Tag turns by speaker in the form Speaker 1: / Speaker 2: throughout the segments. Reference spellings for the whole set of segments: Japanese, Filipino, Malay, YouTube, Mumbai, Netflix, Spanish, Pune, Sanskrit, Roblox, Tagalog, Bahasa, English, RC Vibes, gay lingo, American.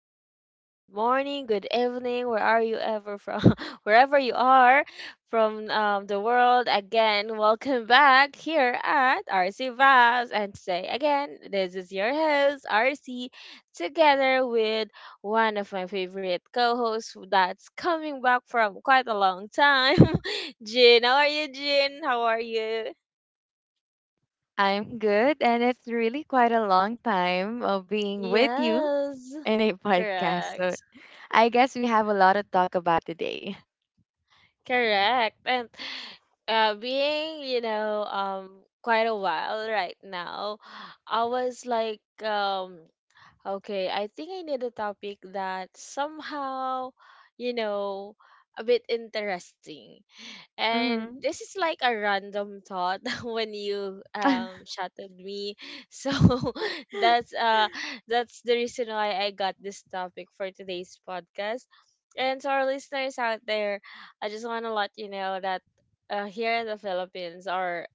Speaker 1: up? Good morning, good evening, where are you ever from? Wherever you are from the world, again, welcome back here at RC Vibes. And today, again, this is your host, RC, together with one of my favorite co hosts that's coming back from quite a long time, Jin. How are you, Jin? How are you?
Speaker 2: I'm good, and it's really quite a long time of being with you
Speaker 1: Yes,
Speaker 2: in a podcast. So
Speaker 1: correct.
Speaker 2: I guess we have a lot to talk about today.
Speaker 1: Correct. And being, quite a while right now, I was like, okay, I think I need a topic that somehow, you know, a bit interesting. And
Speaker 2: Mm-hmm.
Speaker 1: this is like a random thought when you shouted me. So that's uh that's the reason why I got this topic for today's podcast. And to our listeners out there, I just want to let you know that here in the Philippines, our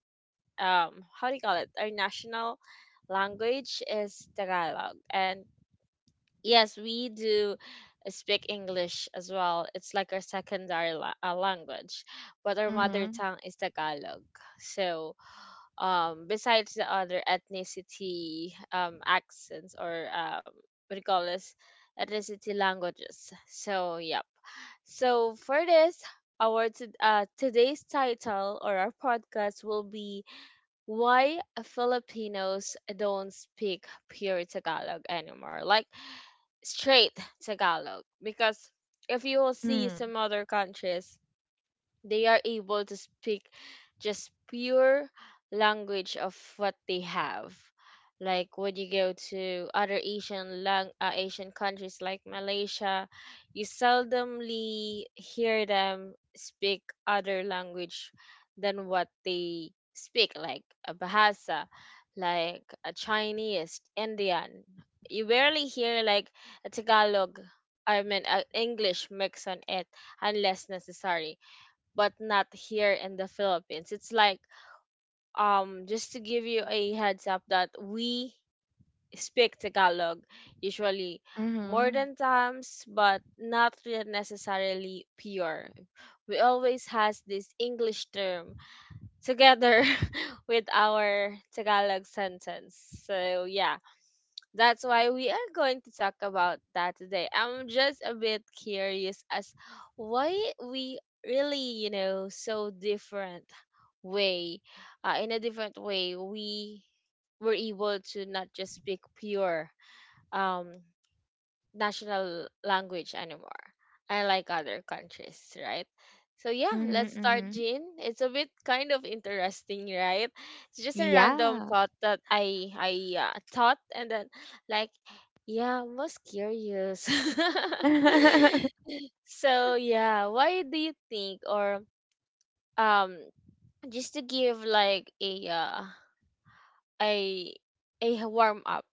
Speaker 1: how do you call it? Our national language is Tagalog, and yes, we do speak English as well. It's like our secondary language, but our mother
Speaker 2: Mm-hmm.
Speaker 1: tongue is Tagalog. So, besides the other ethnicity accents or what do you call this? Ethnicity languages. So, yep. So for this, our today's title or our podcast will be why Filipinos don't speak pure Tagalog anymore, like straight Tagalog. Because if you will see
Speaker 2: Mm-hmm.
Speaker 1: some other countries, they are able to speak just pure language of what they have. Like when you go to other Asian countries like Malaysia, you seldomly hear them speak other language than what they speak, like a Bahasa, like a Chinese, Indian. You barely hear like a Tagalog, I mean, English mix on it unless necessary but not here in the Philippines. It's like just to give you a heads up that we speak Tagalog usually more
Speaker 2: Mm-hmm.
Speaker 1: than times but not necessarily pure. We always has this English term together with our Tagalog sentence. So yeah, that's why we are going to talk about that today. I'm just a bit curious as why we really, you know, so different way. In a different way, we were able to not just speak pure um national language anymore. I like other countries, right? So yeah, let's start,
Speaker 2: Mm-hmm.
Speaker 1: Jean. It's a bit kind of interesting, right? It's just a random
Speaker 2: Yeah.
Speaker 1: thought that I thought, and then like, yeah, I'm most curious. So yeah, why do you think, or um, just to give like a warm up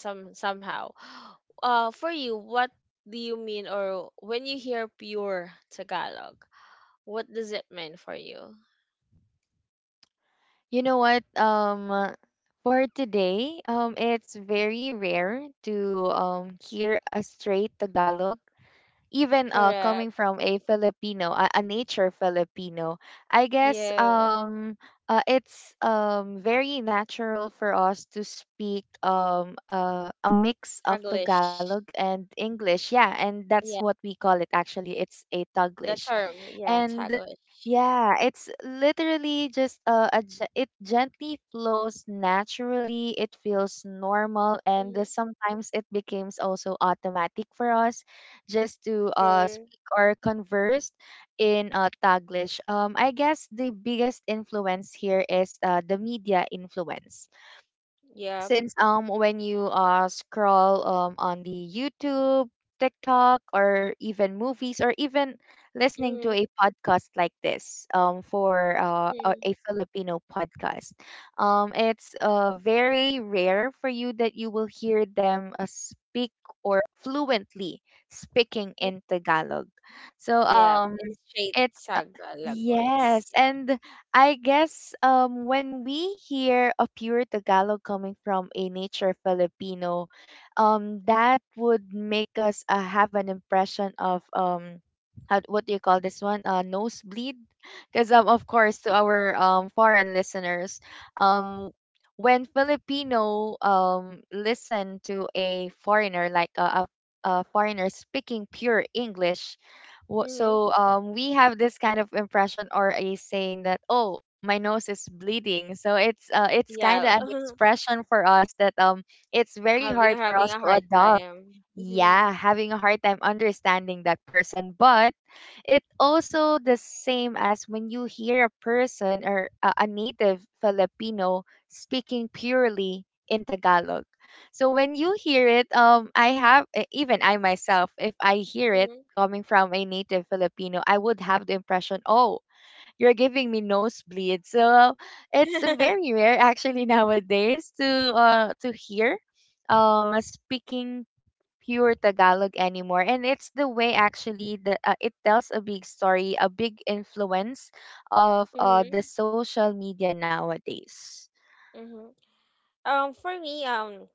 Speaker 1: somehow. For you, what do you mean, or when you hear pure Tagalog, what does it mean for you?
Speaker 2: You know what? For today, it's very rare to hear a straight Tagalog even coming
Speaker 1: Correct.
Speaker 2: from a Filipino, a nature Filipino, I guess
Speaker 1: Yeah,
Speaker 2: it's very natural for us to speak a mix of Tagalog
Speaker 1: Taglish.
Speaker 2: and English. Yeah, and that's
Speaker 1: Yeah,
Speaker 2: what we call it actually. It's a
Speaker 1: the
Speaker 2: Taglish.
Speaker 1: term. Yeah,
Speaker 2: And
Speaker 1: Taglish.
Speaker 2: yeah, it's literally just it gently flows naturally. It feels normal, and
Speaker 1: Mm-hmm.
Speaker 2: sometimes it becomes also automatic for us just to
Speaker 1: True.
Speaker 2: speak or converse in Taglish. I guess the biggest influence here is the media influence,
Speaker 1: Yeah.
Speaker 2: since when you scroll on the YouTube, TikTok, or even movies, or even listening to
Speaker 1: Mm-hmm.
Speaker 2: a podcast like this, for a
Speaker 1: Mm-hmm.
Speaker 2: Filipino podcast, it's very rare for you that you will hear them speak or fluently speaking in Tagalog. So
Speaker 1: Yeah, it's straight
Speaker 2: it's
Speaker 1: Tagalog words.
Speaker 2: yes,
Speaker 1: Yeah.
Speaker 2: and I guess when we hear a pure Tagalog coming from a nature Filipino, that would make us have an impression of how, what do you call this one? Nosebleed, because of course, to our foreign listeners, um, when Filipino listen to a foreigner, like a foreigner speaking pure English.
Speaker 1: Mm-hmm.
Speaker 2: So we have this kind of impression or a saying that, oh, my nose is bleeding. So it's it's kind of
Speaker 1: Yeah,
Speaker 2: an expression for us that it's very hard for
Speaker 1: having
Speaker 2: us
Speaker 1: a
Speaker 2: to
Speaker 1: hard
Speaker 2: adopt.
Speaker 1: time. Mm-hmm.
Speaker 2: Yeah, having a hard time understanding that person, but it also the same as when you hear a person or a native Filipino speaking purely in Tagalog. So when you hear it, even I myself, if I hear it
Speaker 1: Mm-hmm.
Speaker 2: coming from a native Filipino, I would have the impression, oh, you're giving me nosebleed. So it's very rare actually nowadays to to hear a speaking pure Tagalog anymore. And it's the way actually that it tells a big story, a big influence of the
Speaker 1: Mm-hmm.
Speaker 2: social media nowadays.
Speaker 1: Mm-hmm. For me,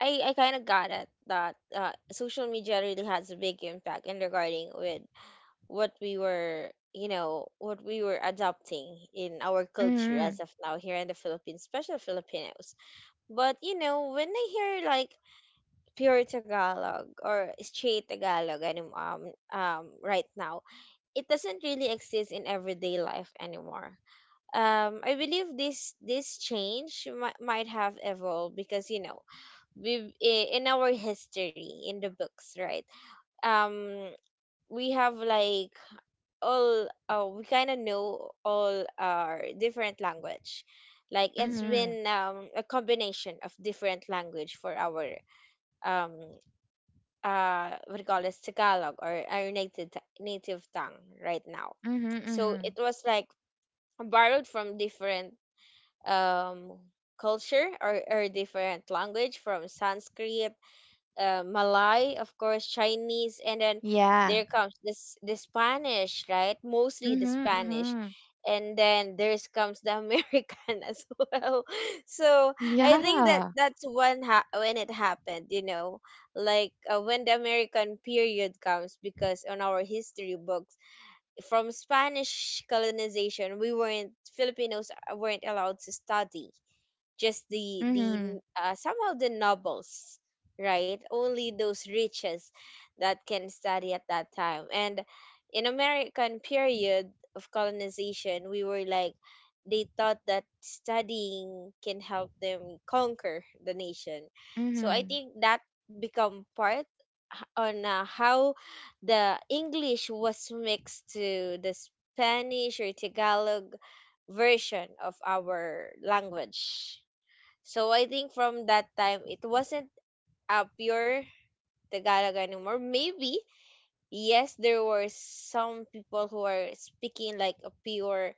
Speaker 1: I kind of got it that social media really has a big impact in regarding with what we were, you know, what we were adopting in our culture
Speaker 2: Mm-hmm.
Speaker 1: as of now here in the Philippines, especially Filipinos. But you know when I hear like pure Tagalog or straight Tagalog right now, it doesn't really exist in everyday life anymore. I believe this might have evolved because you know we in our history in the books, right, um we have like all we kind of know all our different language like it's
Speaker 2: Mm-hmm.
Speaker 1: been a combination of different language for our um what do you call this, Tagalog, or our native tongue right now.
Speaker 2: Mm-hmm.
Speaker 1: So it
Speaker 2: Mm-hmm.
Speaker 1: was like borrowed from different um culture or different language from Sanskrit, Malay, of course, Chinese, and then
Speaker 2: Yeah.
Speaker 1: there comes this the Spanish, right? Mostly the
Speaker 2: Mm-hmm.
Speaker 1: Spanish,
Speaker 2: Mm-hmm.
Speaker 1: and then there's comes the American as well. So I think that
Speaker 2: Yeah.
Speaker 1: that's when when it happened, you know, like when the American period comes, because on our history books from Spanish colonization, we weren't, Filipinos weren't allowed to study just the
Speaker 2: Mm-hmm.
Speaker 1: somehow the nobles, right, only those riches that can study at that time. And in American period of colonization we were like, they thought that studying can help them conquer the nation. So I
Speaker 2: Mm-hmm.
Speaker 1: think that become part on how the English was mixed to the Spanish or Tagalog version of our language. So I think from that time, it wasn't a pure Tagalog anymore. Maybe, yes, there were some people who are speaking like a pure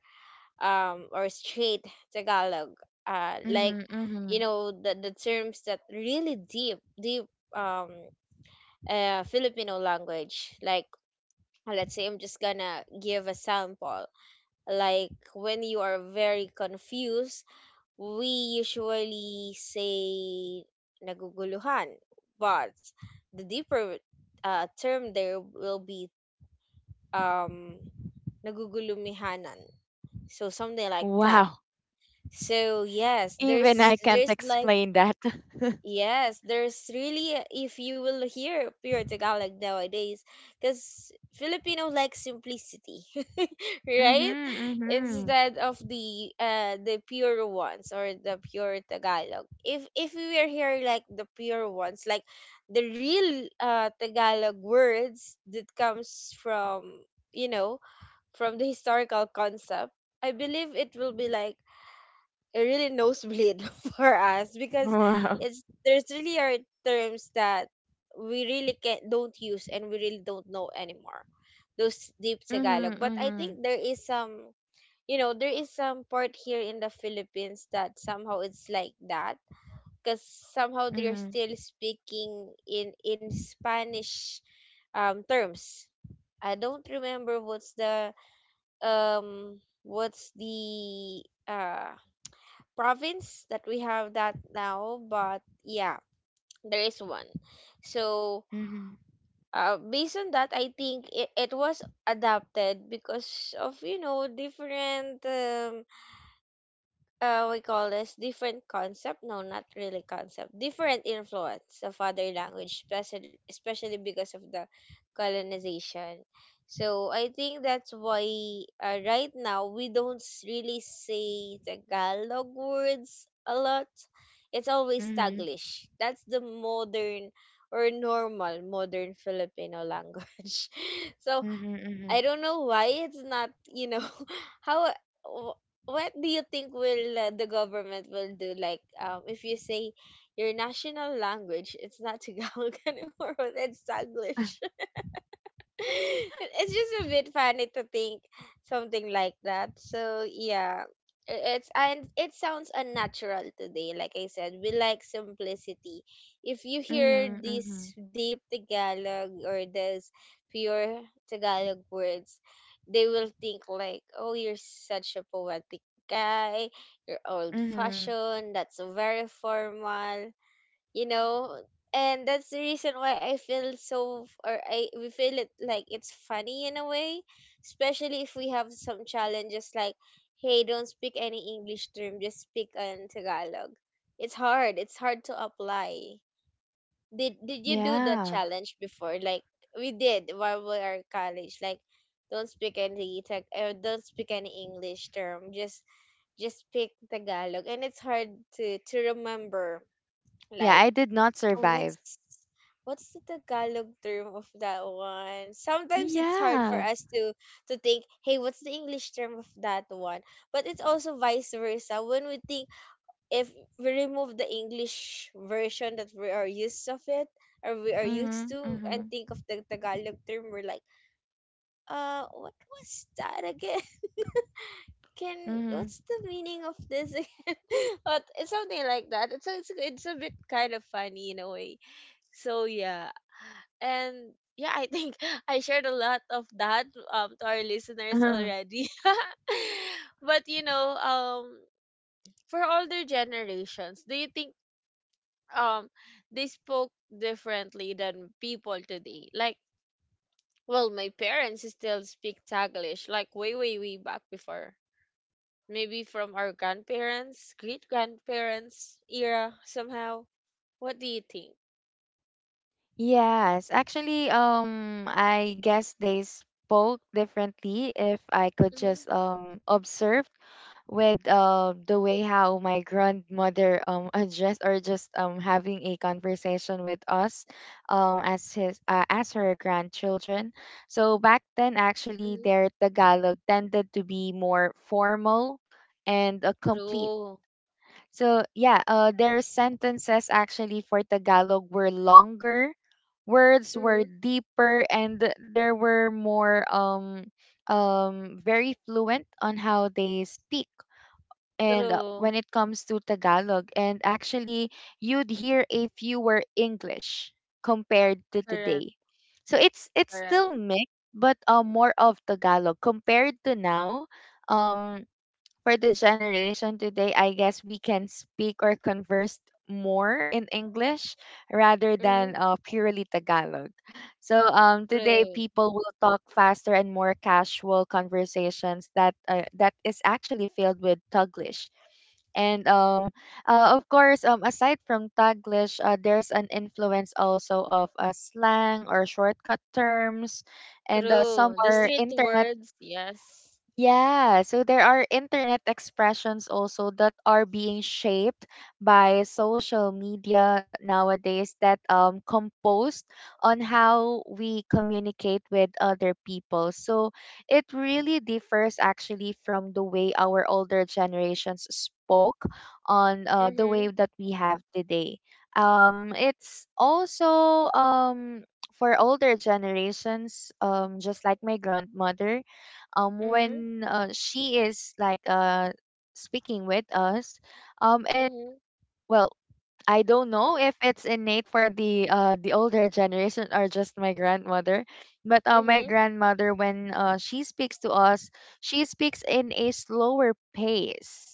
Speaker 1: or straight Tagalog. Like,
Speaker 2: Mm-hmm.
Speaker 1: you
Speaker 2: Mm-hmm.
Speaker 1: know, the terms that really deep um, Filipino language. Like, let's say I'm just gonna give a sample. Like, when you are very confused we usually say naguguluhan, but the deeper term there will be, um, nagugulumihanan. So something like that.
Speaker 2: Wow.
Speaker 1: So yes,
Speaker 2: Even I can't
Speaker 1: there's like
Speaker 2: explain that.
Speaker 1: yes, there's really if you will hear pure Tagalog nowadays, because Filipino likes simplicity,
Speaker 2: Mm-hmm,
Speaker 1: right?
Speaker 2: mm-hmm.
Speaker 1: Instead of the pure ones or the pure Tagalog. If we were here like the pure ones, like the real Tagalog words that comes from, you know, from the historical concept, I believe it will be like a really nosebleed for us because
Speaker 2: Wow.
Speaker 1: it's there's really are terms that we really can don't use and we really don't know anymore. Those deep
Speaker 2: Mm-hmm,
Speaker 1: Tagalog. But I
Speaker 2: mm-hmm,
Speaker 1: think there is some, you know, there is some part here in the Philippines that somehow it's like that because somehow they're
Speaker 2: mm-hmm,
Speaker 1: still speaking in Spanish terms. I don't remember what's the province that we have that now, but yeah, there is one. So,
Speaker 2: mm-hmm,
Speaker 1: based on that, I think it was adapted because of, you know, different we call this different concept. No, not really concept. Different influence of other language, especially because of the colonization. So I think that's why right now we don't really say Tagalog words a lot. It's always
Speaker 2: mm-hmm,
Speaker 1: Taglish. That's the modern or normal modern Filipino language. So
Speaker 2: mm-hmm, mm-hmm.
Speaker 1: I don't know why it's not, you know, how wh- what do you think will the government will do, like if you say your national language it's not Tagalog anymore but it's Taglish. It's just a bit funny to think something like that. So yeah, it's and it sounds unnatural today. Like I said, we like simplicity. If you hear
Speaker 2: Mhm,
Speaker 1: this
Speaker 2: mhm,
Speaker 1: deep Tagalog or this pure Tagalog words, they will think like, "Oh, you're such a poetic guy. You're old
Speaker 2: mhm.
Speaker 1: fashioned. That's very formal." You know, and that's the reason why I feel so f- or I we feel it like it's funny in a way, especially if we have some challenges like, hey, don't speak any English term, just speak in Tagalog. It's hard, it's hard to apply. Did you do the
Speaker 2: Yeah.
Speaker 1: challenge before? Like we did while we are in college, like don't speak any tag or don't speak any English term, just speak Tagalog. And it's hard to remember,
Speaker 2: Yeah,
Speaker 1: like,
Speaker 2: I did not
Speaker 1: oh,
Speaker 2: survive.
Speaker 1: what's the Tagalog term of that one? Sometimes it's hard for
Speaker 2: Yeah.
Speaker 1: us to think, hey, what's the English term of that one? But it's also vice versa. When we think, if we remove the English version that we are used of it or we are used
Speaker 2: Mhm,
Speaker 1: to and
Speaker 2: mhm,
Speaker 1: think of the Tagalog term, we're like, what was that again? Can,
Speaker 2: mhm.
Speaker 1: what's the meaning of this again? But it's something like that. It's a bit kind of funny in a way. So yeah, and yeah, I think I shared a lot of that to our listeners
Speaker 2: Mhm.
Speaker 1: already. But you know, for older generations, do you think um they spoke differently than people today? Like, well, my parents still speak Taglish like way back before. Maybe from our grandparents, great grandparents era somehow, what do you think?
Speaker 2: Yes, actually, I guess they spoke differently if I could just
Speaker 1: Mm-hmm.
Speaker 2: observe with the way how my grandmother addressed or just having a conversation with us as her grandchildren. So back then, actually,
Speaker 1: Mm-hmm.
Speaker 2: their Tagalog tended to be more formal and complete.
Speaker 1: True.
Speaker 2: So yeah, their sentences actually for Tagalog were longer, words were
Speaker 1: Mm-hmm.
Speaker 2: deeper, and there were more very fluent on how they speak, and when
Speaker 1: True.
Speaker 2: it comes to Tagalog. And actually, you'd hear a fewer English compared to
Speaker 1: Correct.
Speaker 2: today. So it's
Speaker 1: Correct.
Speaker 2: still mixed, but more of Tagalog compared to now. Um, for the generation today, I guess we can speak or converse more in English rather
Speaker 1: Mm-hmm.
Speaker 2: than purely Tagalog. So today
Speaker 1: True.
Speaker 2: people will talk faster and more casual conversations that that is actually filled with Tuglish, and of course, aside from Taglish, there's an influence also of slang or shortcut terms, and some
Speaker 1: True. The
Speaker 2: are
Speaker 1: street
Speaker 2: internet.
Speaker 1: words, yes.
Speaker 2: Yeah, so there are internet expressions also that are being shaped by social media nowadays that composed on how we communicate with other people. So it really differs actually from the way our older generations spoke on the
Speaker 1: Mm-hmm.
Speaker 2: way that we have today. It's also for older generations, just like my grandmother,
Speaker 1: Mm-hmm.
Speaker 2: when she is like speaking with us. It
Speaker 1: Mm-hmm.
Speaker 2: Well, I don't know if it's innate for the older generation or just my grandmother, but my
Speaker 1: Mm-hmm.
Speaker 2: grandmother, when she speaks to us, she speaks in a slower pace,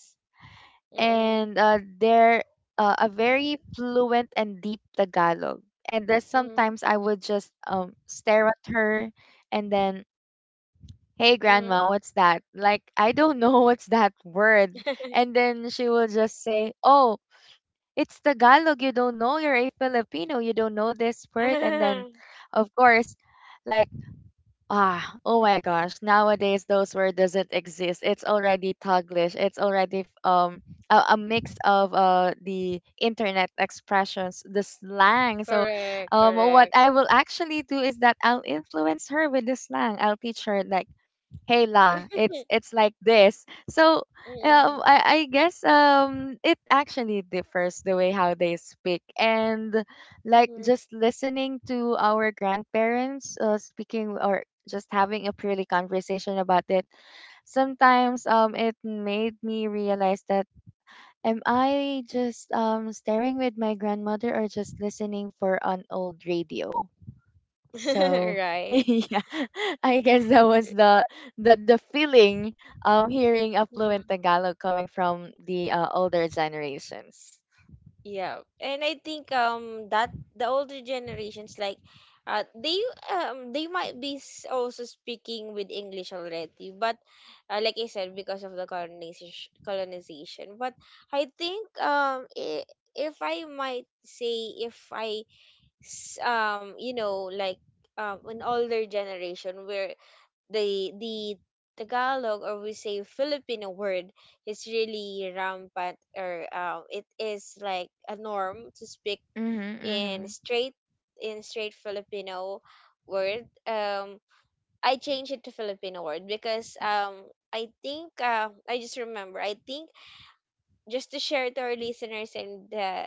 Speaker 2: and they're a very fluent and deep Tagalog. And there's
Speaker 1: Mm-hmm. Mm-hmm.
Speaker 2: sometimes I would just stare at her, and then, "Hey
Speaker 1: Mm-hmm.
Speaker 2: grandma, what's that? Like, I don't know what's that word?" And then she will just say, "Oh, it's Tagalog. You don't know? You're a Filipino, you don't know this word?" And then, of course, like, "Ah, oh my gosh, nowadays those word doesn't exist. It's already Taglish. It's already a mix of the internet expressions, the slang." So
Speaker 1: Correct.
Speaker 2: what
Speaker 1: Correct.
Speaker 2: I, will actually do is that I'll influence her with the slang. I'll teach her like, "Hey la, it's like this." So
Speaker 1: Mm-hmm.
Speaker 2: I guess it actually differs the way how they speak, and like just listening to our grandparents speaking or just having a purely conversation about it, sometimes it made me realize that, am I just staring with my grandmother or just listening for an old radio?
Speaker 1: Mm-hmm.
Speaker 2: So
Speaker 1: Right.
Speaker 2: yeah, I guess that was the feeling, hearing a fluent Tagalog coming from the older generations.
Speaker 1: Yeah, and I think that the older generations like uh they they might be also speaking with English already, but like I said because of the colonization. But I think I if I might say, if I you know, like an older generation where the Tagalog, or we say Filipino word, is really rampant or it is like a norm to speak
Speaker 2: Mhm,
Speaker 1: in
Speaker 2: mhm,
Speaker 1: straight, in straight Filipino word. I changed it to Filipino word because I think I just remember, I think just to share to our listeners and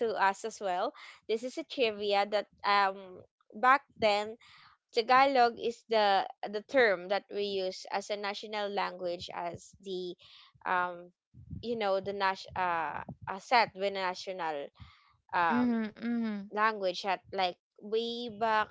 Speaker 1: to us as well. This is a trivia that back then Tagalog is the term that we use as a national language as the um you know the nas a set with a national um
Speaker 2: mhm, mhm,
Speaker 1: language at like way back,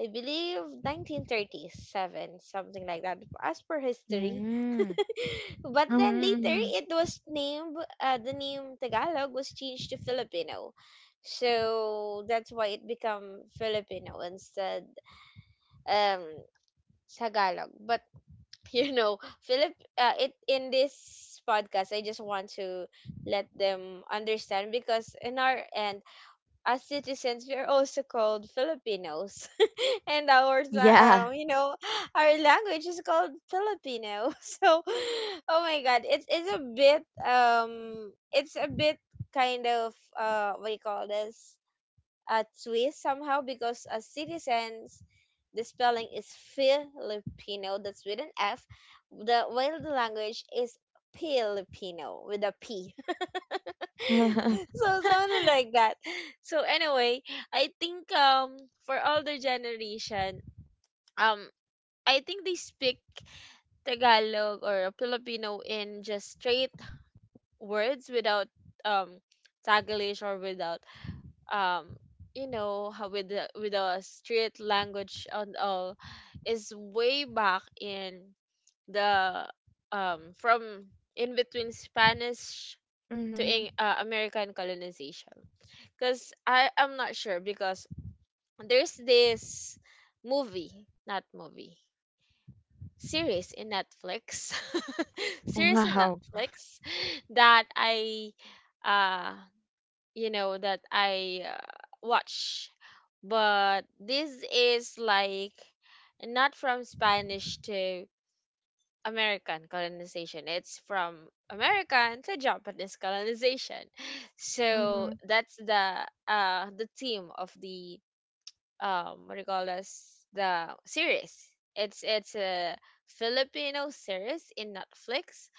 Speaker 1: I believe 1937, something like that as per history.
Speaker 2: mhm,
Speaker 1: But then
Speaker 2: mhm,
Speaker 1: later
Speaker 2: mhm.
Speaker 1: it was named the name Tagalog was changed to Filipino, so that's why it become Filipino instead um Tagalog. But you know philip it in this podcast I just want to let them understand because in our end, as citizens, we are also called Filipinos, and our
Speaker 2: Yeah.
Speaker 1: sa- you know our language is called Filipino. So oh my God, it's a bit it's a bit kind of what do you call this, a twist somehow, because as citizens, the spelling is Filipino, that's with an F, the while the language is Filipino with a P. So something like that. So anyway, I think for older generation, um I think they speak Tagalog or Filipino in just straight words without um Taglish or without um you know, how with the street language and all, is way back in the from in between Spanish to
Speaker 2: Mhm.
Speaker 1: American colonization, because I am not sure, because there's this movie, not movie, series in Netflix, series in
Speaker 2: Wow.
Speaker 1: Netflix that I uh you know that I watch, but this is like not from Spanish to American colonization. It's from American to Japanese colonization. So
Speaker 2: Mhm,
Speaker 1: that's the theme of the what do you call this, the series. It's a Filipino series in Netflix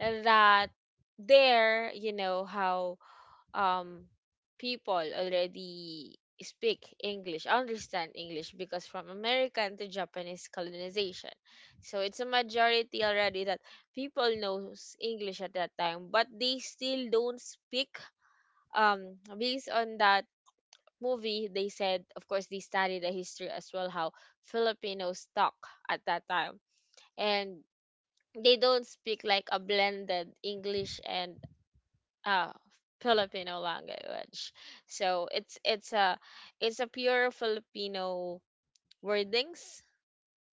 Speaker 1: that there, you know how um people already speak English, understand English, because from American to Japanese colonization. So it's a majority already that people knows English at that time, but they still don't speak. Based on that movie, they said, of course, they study the history as well, how Filipinos talk at that time, and they don't speak like a blended English and oh, Filipino language. So it's a it's a pure Filipino wordings.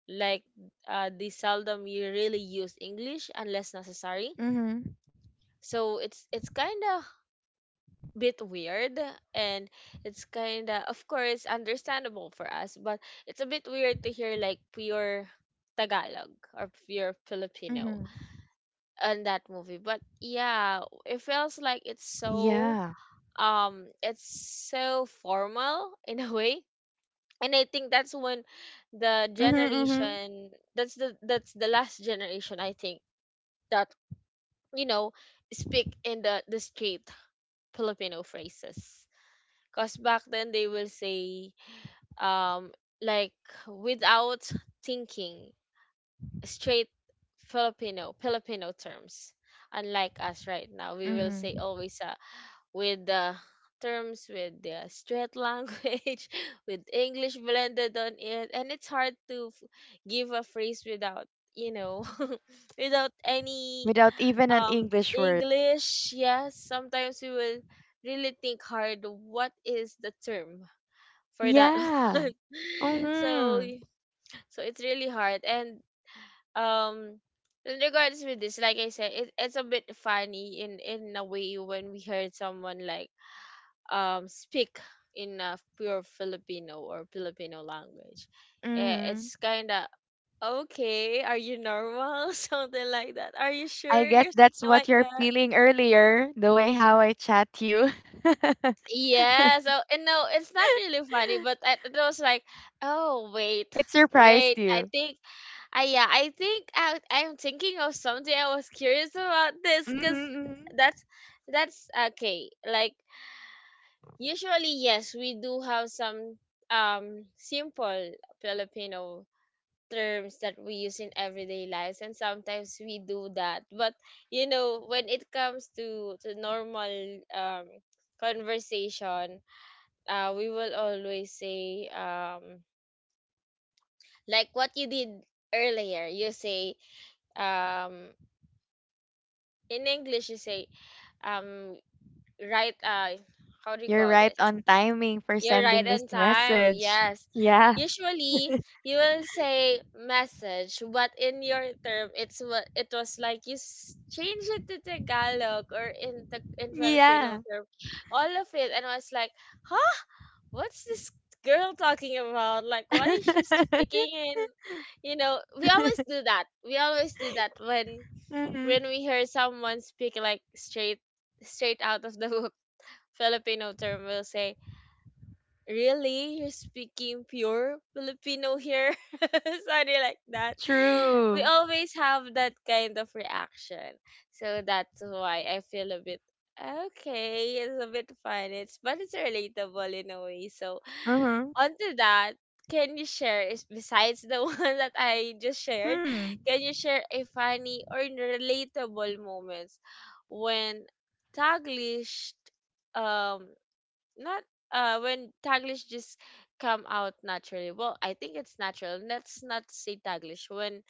Speaker 1: Like they seldom you really use English unless
Speaker 2: mhm,
Speaker 1: necessary. So it's kind of bit weird, and it's kind of course understandable for us, but it's a bit weird to hear like pure Tagalog or pure
Speaker 2: mhm.
Speaker 1: Filipino in that movie. But yeah, it feels like
Speaker 2: Yeah.
Speaker 1: it's so formal in a way. And I think that's when the
Speaker 2: Mhm, mhm,
Speaker 1: generation, that's the last generation, I think, that you know, speak in the straight Filipino phrases, because back then they will say um like without thinking straight Filipino terms, unlike us right now, we will
Speaker 2: mhm.
Speaker 1: say always with the terms, with the straight language, with English blended on it, and it's hard to give a phrase without, you know, without any
Speaker 2: Without even an
Speaker 1: um
Speaker 2: English word.
Speaker 1: English. Yes, sometimes we will really think hard. What is the term for that
Speaker 2: Yeah.
Speaker 1: one? So
Speaker 2: Mhm.
Speaker 1: it's really hard. And um in regards with this, like I said it, it's a bit funny in a way when we heard someone like speak in a pure Filipino or Filipino language. Eh,
Speaker 2: Mhm.
Speaker 1: it's kind of okay. Are you normal? Something like that. Are you
Speaker 2: I
Speaker 1: sure
Speaker 2: guess
Speaker 1: you're
Speaker 2: that's
Speaker 1: speaking
Speaker 2: what
Speaker 1: like
Speaker 2: you're
Speaker 1: that?
Speaker 2: feeling earlier, the way how I chat you.
Speaker 1: Yeah, so and no, it's not really funny, but I, it was like, oh wait,
Speaker 2: It surprised
Speaker 1: wait. I
Speaker 2: you.
Speaker 1: think, I think I'm thinking of something. I was curious about this because
Speaker 2: Mm-hmm.
Speaker 1: that's okay. Like usually, yes, we do have some simple Filipino terms that we use in everyday lives, and sometimes we do that. But you know, when it comes to normal um conversation, we will always say like what you did earlier. You say um in English you say um right, how do you
Speaker 2: You're
Speaker 1: call
Speaker 2: right
Speaker 1: this?
Speaker 2: on timing for
Speaker 1: You're right
Speaker 2: sending this
Speaker 1: on time.
Speaker 2: message.
Speaker 1: Yes.
Speaker 2: Yeah.
Speaker 1: Usually you will say message, but in your term it's what it was like you change it to Tagalog or in the in Filipino
Speaker 2: Yeah.
Speaker 1: term. All of it, and I was like, "Huh? What's this girl talking about? Like why is she speaking in, you know, we always do that. We always do that
Speaker 2: Hmm.
Speaker 1: when we hear someone speak like straight out of the book." Filipino term, we will say, really, you're speaking pure Filipino here. Sorry like that. We
Speaker 2: True.
Speaker 1: always have that kind of reaction. So that's why I feel a bit okay, it's a bit fun, it's but it's relatable in a way. So
Speaker 2: Uh-huh.
Speaker 1: onto that, can you share, is, besides the one that I just shared,
Speaker 2: Hmm.
Speaker 1: can you share a funny or relatable moments when Taglish um not when Taglish just come out naturally. Well, I think it's natural. Let's not say Taglish. When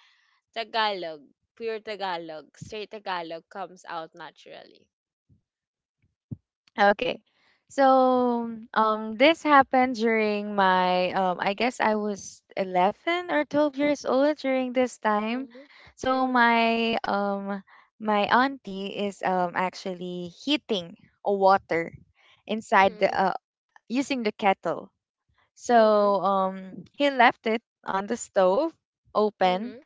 Speaker 1: Tagalog, pure Tagalog, straight Tagalog comes out naturally.
Speaker 2: Okay. So this happened during my I guess I was 11 or 12 years old during this time.
Speaker 1: Mhm.
Speaker 2: So
Speaker 1: Mhm.
Speaker 2: my auntie is actually heating a water inside the
Speaker 1: Mhm.
Speaker 2: using the kettle.
Speaker 1: Mhm.
Speaker 2: So he left it on the stove open,
Speaker 1: Mhm.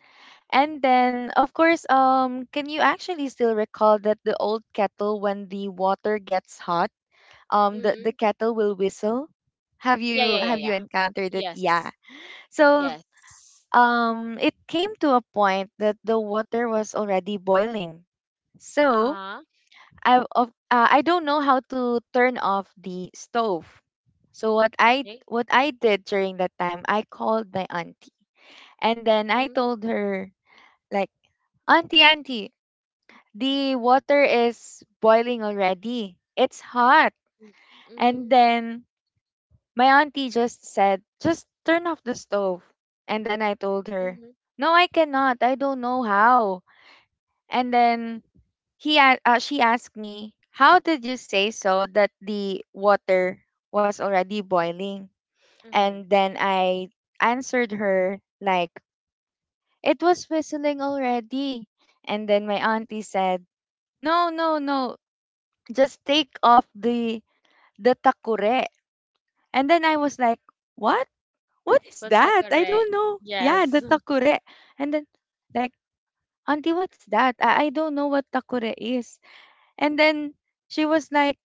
Speaker 2: and then, of course, can you actually still recall that the old kettle, when the water gets hot, the
Speaker 1: Mhm.
Speaker 2: kettle will whistle? have
Speaker 1: Yeah,
Speaker 2: you
Speaker 1: yeah, yeah,
Speaker 2: have you
Speaker 1: yeah.
Speaker 2: encountered it? Yeah.
Speaker 1: Yes.
Speaker 2: So
Speaker 1: Yes.
Speaker 2: it came to a point that the water was already boiling. So
Speaker 1: Uh-huh.
Speaker 2: I don't know how to turn off the stove. So what i
Speaker 1: Okay.
Speaker 2: what i did during that time, I called my auntie, and then I
Speaker 1: Mhm.
Speaker 2: told her, like, "Auntie, auntie, the water is boiling already, it's hot."
Speaker 1: Mhm.
Speaker 2: And
Speaker 1: Mhm.
Speaker 2: then my auntie just said, "Just turn off the stove." And then I told her,
Speaker 1: Mhm.
Speaker 2: "No, I cannot. I don't know how." And then she asked me, "How did you say so that the water was already boiling?"
Speaker 1: Mhm.
Speaker 2: And then I answered her like, "It was whistling already." And then my auntie said, "No, no, no, just take off the takure." And then I was like, "What? What is
Speaker 1: What's the
Speaker 2: that? I
Speaker 1: correct?
Speaker 2: don't know." Yeah,
Speaker 1: Yes.
Speaker 2: the takure. And then, like, "Auntie, what's that? I don't know what takure is." And then she was like,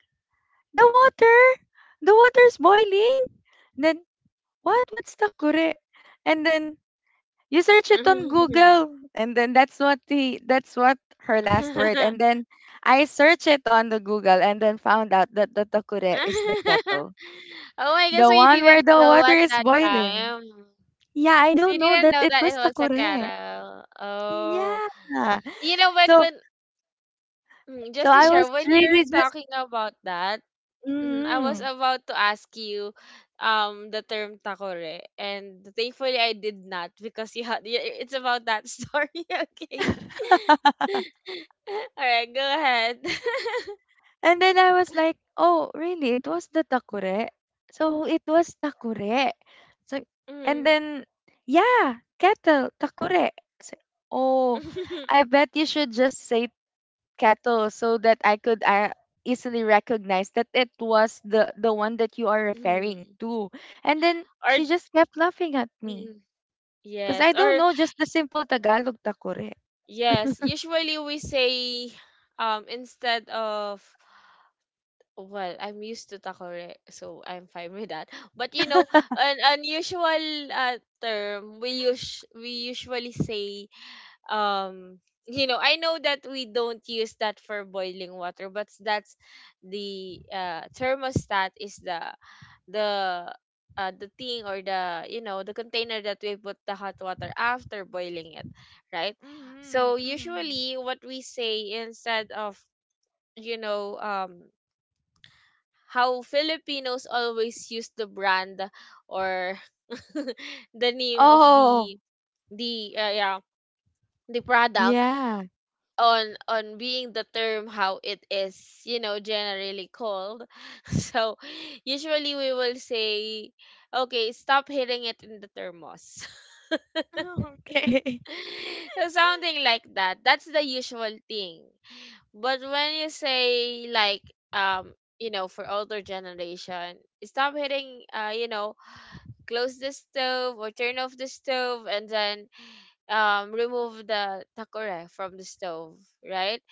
Speaker 2: "The water! The water's boiling!" Then, "What? What's takure?" And then, "You search it on Google." And then that's what her last word. And then I searched it on the Google and then found out that the takure is the kettle.
Speaker 1: Oh my God,
Speaker 2: The
Speaker 1: so you
Speaker 2: one where
Speaker 1: didn't
Speaker 2: the
Speaker 1: know
Speaker 2: water
Speaker 1: at
Speaker 2: is
Speaker 1: that
Speaker 2: boiling.
Speaker 1: time.
Speaker 2: Yeah, I
Speaker 1: So
Speaker 2: don't
Speaker 1: you
Speaker 2: know
Speaker 1: didn't
Speaker 2: that
Speaker 1: know
Speaker 2: it
Speaker 1: that it
Speaker 2: was
Speaker 1: was a
Speaker 2: takure.
Speaker 1: carol. Oh.
Speaker 2: Yeah.
Speaker 1: You know,
Speaker 2: So
Speaker 1: when, mm,
Speaker 2: so
Speaker 1: just to
Speaker 2: I
Speaker 1: share,
Speaker 2: was
Speaker 1: when you're
Speaker 2: really just
Speaker 1: talking about that, mm, I was
Speaker 2: mm.
Speaker 1: about to ask you the term takore, and thankfully I did not because you had it's about that story. Okay. All right, go ahead.
Speaker 2: And then I was like, "Oh, really? It was the takure?" So it was takure. So and
Speaker 1: Mm.
Speaker 2: then yeah, kettle takure. So, oh, I bet you should just say kettle so that I could easily recognize that it was the one that you are referring
Speaker 1: Mm.
Speaker 2: to. And then
Speaker 1: Or
Speaker 2: she just kept laughing at me
Speaker 1: mm.
Speaker 2: because
Speaker 1: Yes,
Speaker 2: I don't
Speaker 1: or
Speaker 2: know just the simple Tagalog takure.
Speaker 1: yes, usually we say instead of well, I'm used to takore, so I'm fine with that. But you know, an unusual term we us we usually say um you know, I know that we don't use that for boiling water, but that's the thermostat is the the thing or the you know, the container that we put the hot water after boiling it, right?
Speaker 2: Mhm,
Speaker 1: So
Speaker 2: mhm.
Speaker 1: usually what we say instead of, you know, how Filipinos always use the brand or the name of
Speaker 2: Oh.
Speaker 1: the yeah, the product,
Speaker 2: Yeah.
Speaker 1: on being the term how it is, you know, generally called. So usually we will say, okay, stop hitting it in the thermos.
Speaker 2: Okay.
Speaker 1: So something like that, that's the usual thing. But when you say like, um you know, for older generation, stop hitting, you know, close the stove or turn off the stove, and then remove the takore from the stove, right?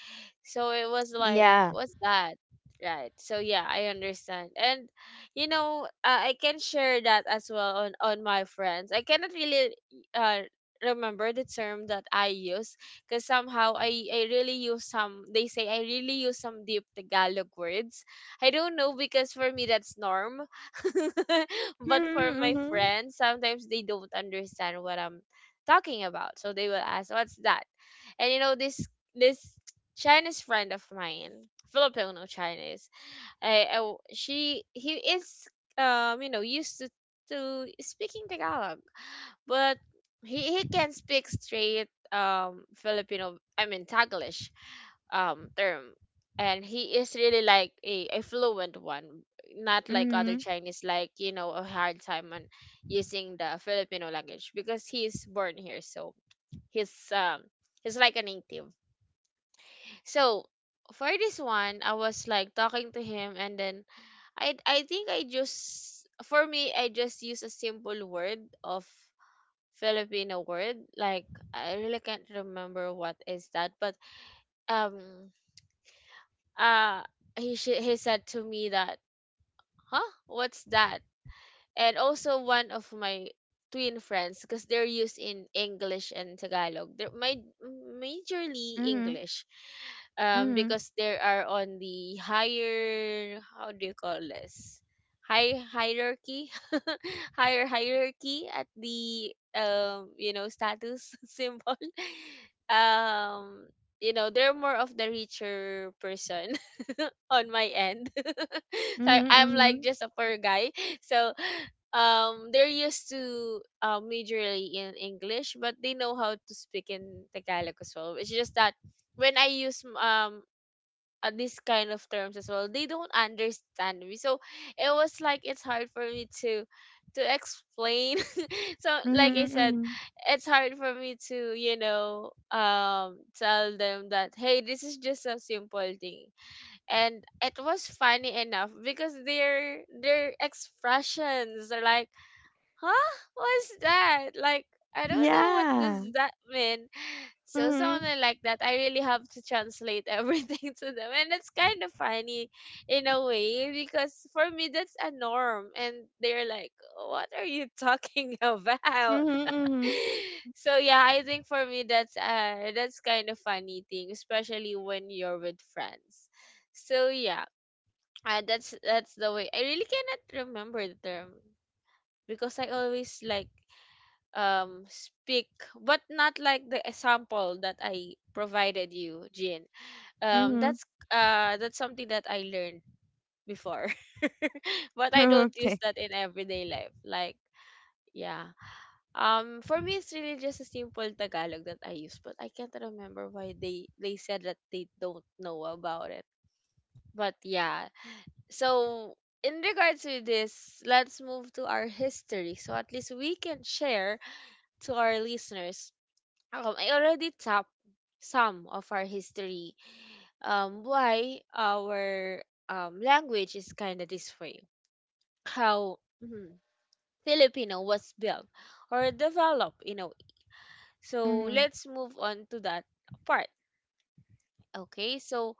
Speaker 1: So it was like,
Speaker 2: Yeah.
Speaker 1: what's that? Right. So yeah, I understand. And you know, I can share that as well on my friends. I cannot really uh remember the term that I use, because somehow I really use some, they say I really use some deep Tagalog words. I don't know, because for me that's norm. But for
Speaker 2: Mhm,
Speaker 1: my
Speaker 2: mhm.
Speaker 1: friends, sometimes they don't understand what I'm talking about. So they will ask, "What's that?" And you know this this Chinese friend of mine, Filipino Chinese, I w- she he is you know, used to speaking Tagalog, but he can speak straight Filipino, I mean Taglish term, and he is really like a fluent one, not like other
Speaker 2: Mhm,
Speaker 1: Chinese, like you know, a hard time on using the Filipino language, because he is born here, so he's um he's like a native. So for this one, I was like talking to him, and then I think I just, for me, I just use a simple word of Filipino word, like, I really can't remember what is that. But um uh he he said to me that, huh, what's that? And also one of my twin friends, because they're used in English and Tagalog, they're my majorly
Speaker 2: mhm.
Speaker 1: English,
Speaker 2: Mhm,
Speaker 1: because they are on the higher, how do you call this? High hierarchy, higher hierarchy at the you know, status symbol. Um, you know, they're more of the richer person on my end. So I'm like
Speaker 2: mhm.
Speaker 1: just a poor guy. So they're used to majorly in English, but they know how to speak in Tagalog as well. It's just that when I use these kind of terms as well, they don't understand me. So it was like, it's hard for me to explain. So like
Speaker 2: Mhm,
Speaker 1: I said,
Speaker 2: mhm.
Speaker 1: it's hard for me to, you know, tell them that, hey, this is just a simple thing. And it was funny enough because their expressions are like, huh? What's that? Like, I don't know, what does
Speaker 2: Yeah.
Speaker 1: that mean. So
Speaker 2: Mhm,
Speaker 1: something like that. I really have to translate everything to them, and it's kind of funny in a way, because for me that's a norm, and they're like, "What are you talking about?"
Speaker 2: mhm, mhm.
Speaker 1: So yeah, I think for me that's kind of funny thing, especially when you're with friends. So yeah, that's the way. I really cannot remember the term because I always like speak but not like the example that I provided you Jin.
Speaker 2: Mhm.
Speaker 1: That's that's something that I learned before. But I don't use
Speaker 2: Okay.
Speaker 1: that in everyday life. Yeah, for me it's really just a simple tagalog that I use but I can't remember why they said that they don't know about it, but yeah. So in regards to this, let's move to our history, so at least we can share to our listeners. I already tapped some of our history. Why our language is kind of this way. How mhm, Filipino was built or developed in a way. So
Speaker 2: Mhm.
Speaker 1: let's move on to that part. Okay, so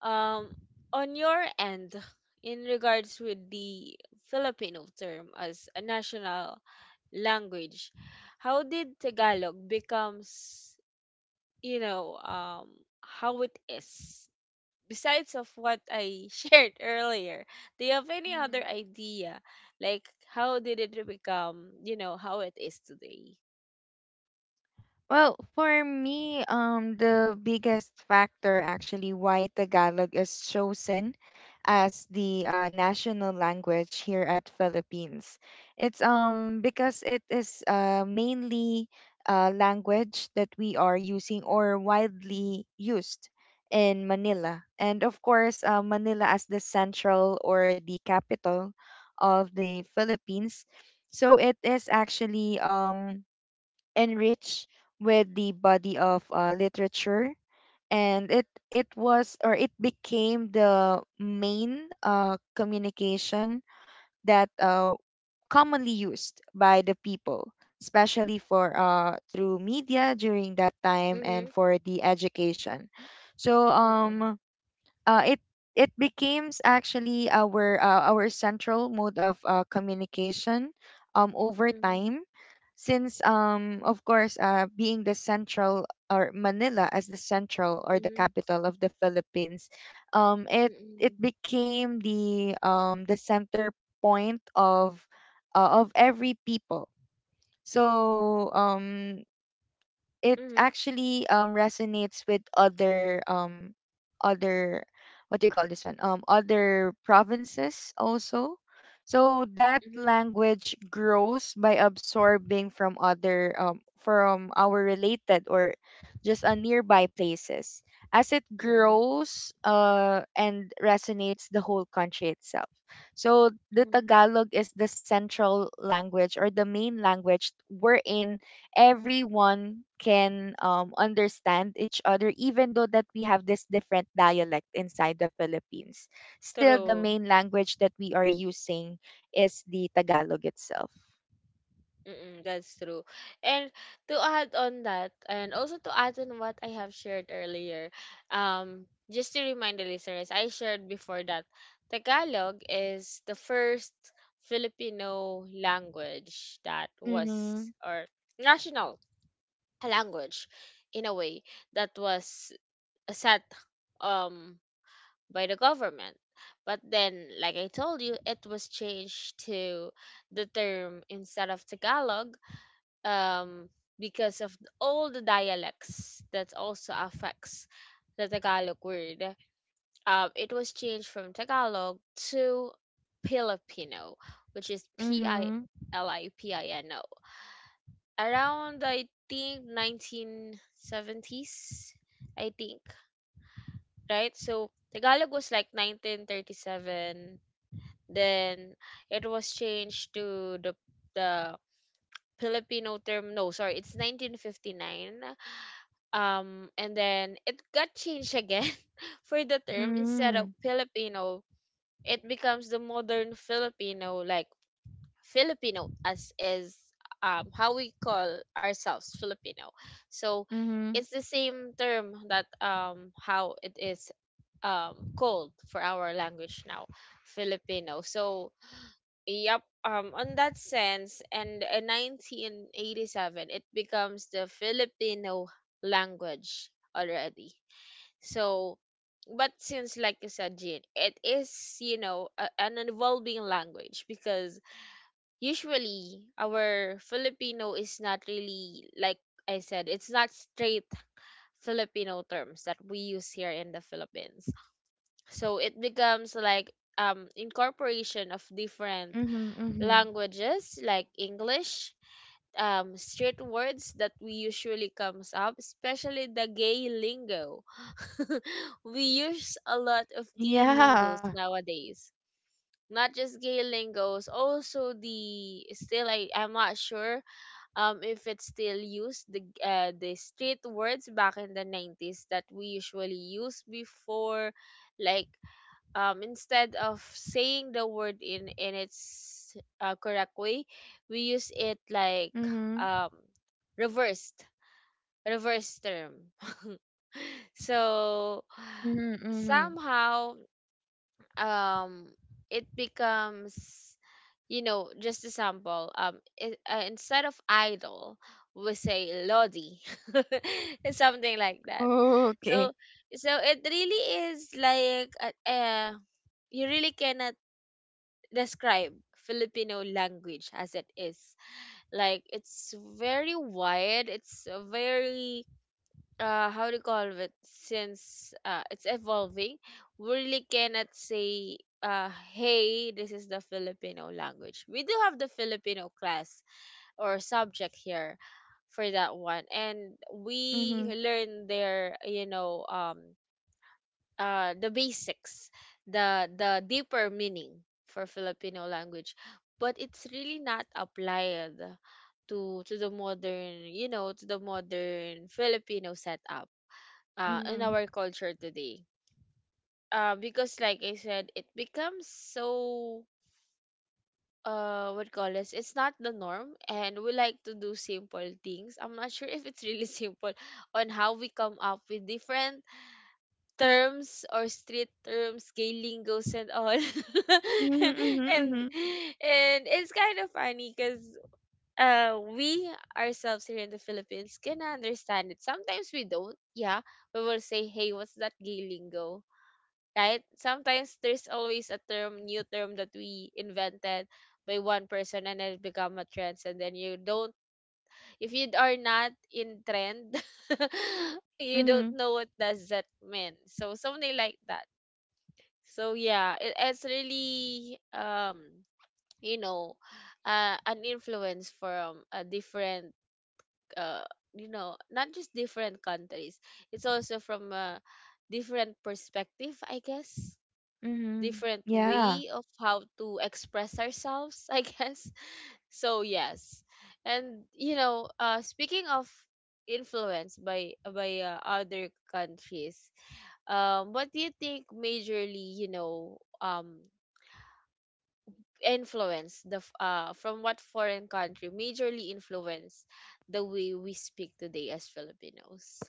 Speaker 1: um, on your end, in regards with the Filipino term as a national language, how did Tagalog becomes, you know, how it is? Besides of what I shared earlier, do you have any other
Speaker 2: Mhm.
Speaker 1: idea? Like how did it become, you know, how it is today?
Speaker 2: Well, for me, the biggest factor actually why Tagalog is chosen as the national language here at Philippines. It's because it is mainly a language that we are using or widely used in Manila. And of course, Manila as the central or the capital of the Philippines. So it is actually enriched with the body of literature, and it was or it became the main communication that commonly used by the people, especially for through media during that time and
Speaker 1: Mhm.
Speaker 2: for the education. so
Speaker 1: Mhm.
Speaker 2: um uh, it it becomes actually our central mode of communication over
Speaker 1: Mhm.
Speaker 2: time, since of course being the central or Manila as the central or the
Speaker 1: Mhm.
Speaker 2: capital of the Philippines. It it
Speaker 1: Mhm.
Speaker 2: became the center point of every people. so um it
Speaker 1: Mhm.
Speaker 2: actually resonates with other other, what do you call this one other provinces also. So that
Speaker 1: Mhm.
Speaker 2: language grows by absorbing from other, from our related or just a nearby places, as it
Speaker 1: Mhm.
Speaker 2: grows and resonates the whole country itself. So the
Speaker 1: Mhm.
Speaker 2: Tagalog is the central language or the main language, wherein everyone can understand each other, even though that we have this different dialect inside the Philippines. Still the
Speaker 1: True.
Speaker 2: main language that we are using is the Tagalog itself.
Speaker 1: Mm-mm, that's true. And to add on that, and also to add on what I have shared earlier, um, just to remind the listeners, I shared before that Tagalog is the first Filipino language that was,
Speaker 2: Mhm,
Speaker 1: or national language in a way, that was set um, by the government. But then, like I told you, it was changed to the term instead of Tagalog, um, because of all the dialects that also affects the Tagalog word. It was changed from Tagalog to Filipino, which is P I
Speaker 2: mhm,
Speaker 1: L I P I N O. Around I think 1970s, I think, right? So Tagalog was like 1937. Then it was changed to the Filipino term. No, sorry, it's 1959. And then it got changed again for the term instead of
Speaker 2: mhm,
Speaker 1: filipino, it becomes the modern filipino, like filipino as is, how we call ourselves filipino. So
Speaker 2: mhm,
Speaker 1: it's the same term that how it is called for our language now, filipino. So yep, on that sense, and in 1987 it becomes the filipino language already. So, but since like you said, Jean, it is you know a, an evolving language, because usually our Filipino is not really like I said, it's not straight Filipino terms that we use here in the Philippines. So it becomes like incorporation of
Speaker 2: mhm,
Speaker 1: different
Speaker 2: mhm,
Speaker 1: languages like English, street words that we usually comes up, especially the gay lingo. We use a lot of gay
Speaker 2: yeah,
Speaker 1: lingos nowadays. Not just gay lingos, also the still I'm not sure if it's still used the street words back in the 90s that we usually used before, like instead of saying the word in its correct way, we use it like
Speaker 2: mhm,
Speaker 1: um, reversed reverse term. So
Speaker 2: mhm, mhm.
Speaker 1: somehow um it becomes, you know, just a sample it, instead of idol we say lodi. It's something like that.
Speaker 2: Okay.
Speaker 1: So so it really is like you really cannot describe filipino language as it is. Like it's very wide, it's very how to call it, since it's evolving. We really cannot say, hey, this is the filipino language. We do have the filipino class or subject here for that one, and we
Speaker 2: Mhm,
Speaker 1: learn their, you know, the basics, the deeper meaning for filipino language, but it's really not applied to the modern, you know, to the modern filipino setup in
Speaker 2: mhm,
Speaker 1: our culture today. Because like I said, it becomes so what call this? It's not the norm, and we like to do simple things. I'm not sure if it's really simple on how we come up with different terms or street terms, gay lingos and all.
Speaker 2: mhm, mhm,
Speaker 1: and
Speaker 2: mhm,
Speaker 1: and it's kind of funny because we ourselves here in the Philippines can understand it. Sometimes we don't. Yeah, we will say, "Hey, what's that gay lingo?" Right? Sometimes there's always a term, new term that we invented by one person and it become a trend. And then you don't, if you are not in trend, you don't
Speaker 2: mhm,
Speaker 1: know what does that mean. So something like that. So yeah, it, it's really you know an influence from a different uh you know, not just different countries. It's also from a different perspective, I guess,
Speaker 2: mhm.
Speaker 1: different
Speaker 2: Yeah.
Speaker 1: way of how to express ourselves, I guess. So yes, and you know, speaking of influence by other countries, what do you think majorly, you know, influence the from what foreign country majorly influence the way we speak today as Filipinos?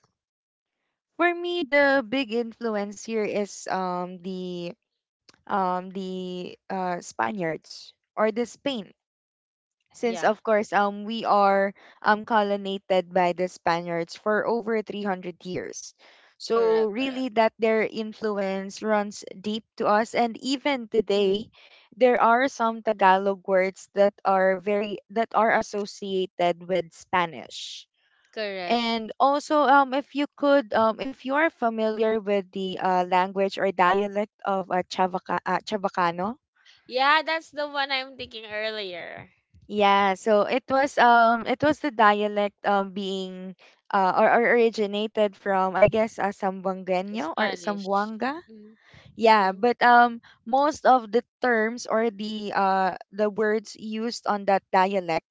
Speaker 2: For me, the big influence here is the Spaniards or the Spain, since
Speaker 1: Yeah,
Speaker 2: of course we are colonized by the Spaniards for over 300 years. So
Speaker 1: correct, correct.
Speaker 2: really, that their influence runs deep to us, and even
Speaker 1: Mhm,
Speaker 2: today there are some Tagalog words that are very, that are associated with Spanish.
Speaker 1: correct.
Speaker 2: And also, if you could, if you are familiar with the language or dialect of Chavacano,
Speaker 1: Yeah, that's the one I'm thinking earlier.
Speaker 2: yeah. So it was the dialect being or originated from, I guess, Sambuangueño or
Speaker 1: Spanish.
Speaker 2: Sambuanga.
Speaker 1: Mhm.
Speaker 2: Yeah, but most of the terms or the words used on that dialect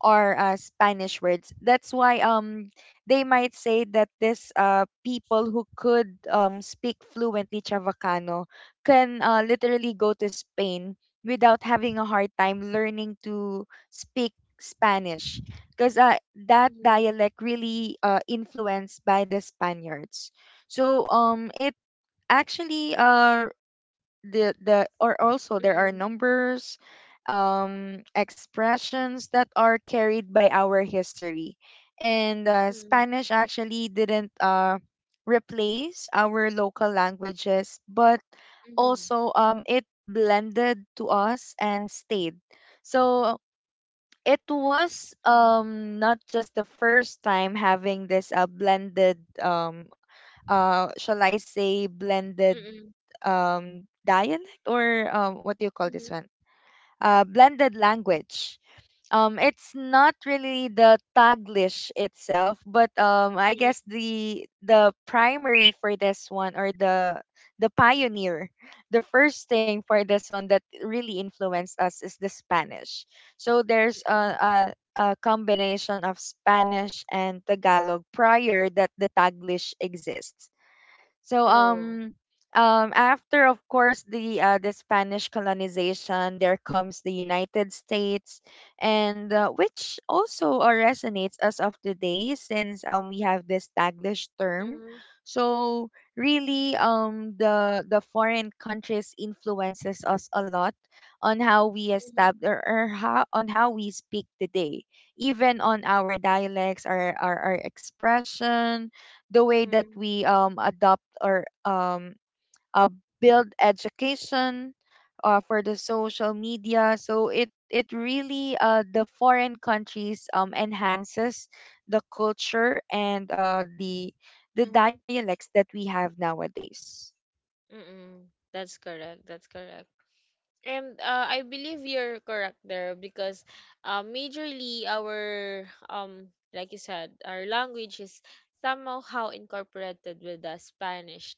Speaker 2: or Spanish words. That's why they might say that this people who could speak fluently Chavacano can literally go to Spain without having a hard time learning to speak Spanish, because that
Speaker 1: Mhm.
Speaker 2: dialect really influenced by the Spaniards. So it actually the or also there are
Speaker 1: Mhm.
Speaker 2: numbers expressions that are carried by our history, and
Speaker 1: Mhm.
Speaker 2: Spanish actually didn't replace our local languages, but
Speaker 1: Mhm.
Speaker 2: also it blended to us and stayed. So it was
Speaker 1: Mhm. Mhm.
Speaker 2: not just the first time having this blended, shall I say, blended
Speaker 1: Mhm.
Speaker 2: dialect or, what do you call this
Speaker 1: Mhm.
Speaker 2: one? Blended language. Um, it's not really the Taglish itself, but I guess the primary for this one or the pioneer, the first thing for this one that really influenced us is the Spanish. So there's a,
Speaker 1: Mhm.
Speaker 2: a, a combination of Spanish and Tagalog prior that the Taglish exists. So
Speaker 1: True.
Speaker 2: um um after of course the Spanish colonization, there comes the United States, and which also resonates as of today, since we have this Taglish term.
Speaker 1: Mhm.
Speaker 2: So really the foreign countries influences us a lot on how we
Speaker 1: Mhm.
Speaker 2: establish or how, on how we speak today, even on our dialects, our expression, the way that
Speaker 1: Mhm.
Speaker 2: we adopt or uh, build education for the social media. So it really the foreign countries enhances the culture and the
Speaker 1: Mhm.
Speaker 2: dialects that we have nowadays.
Speaker 1: Mhm. That's correct. That's correct. And I believe you're correct there because majorly our like you said, our language is somehow incorporated with the Spanish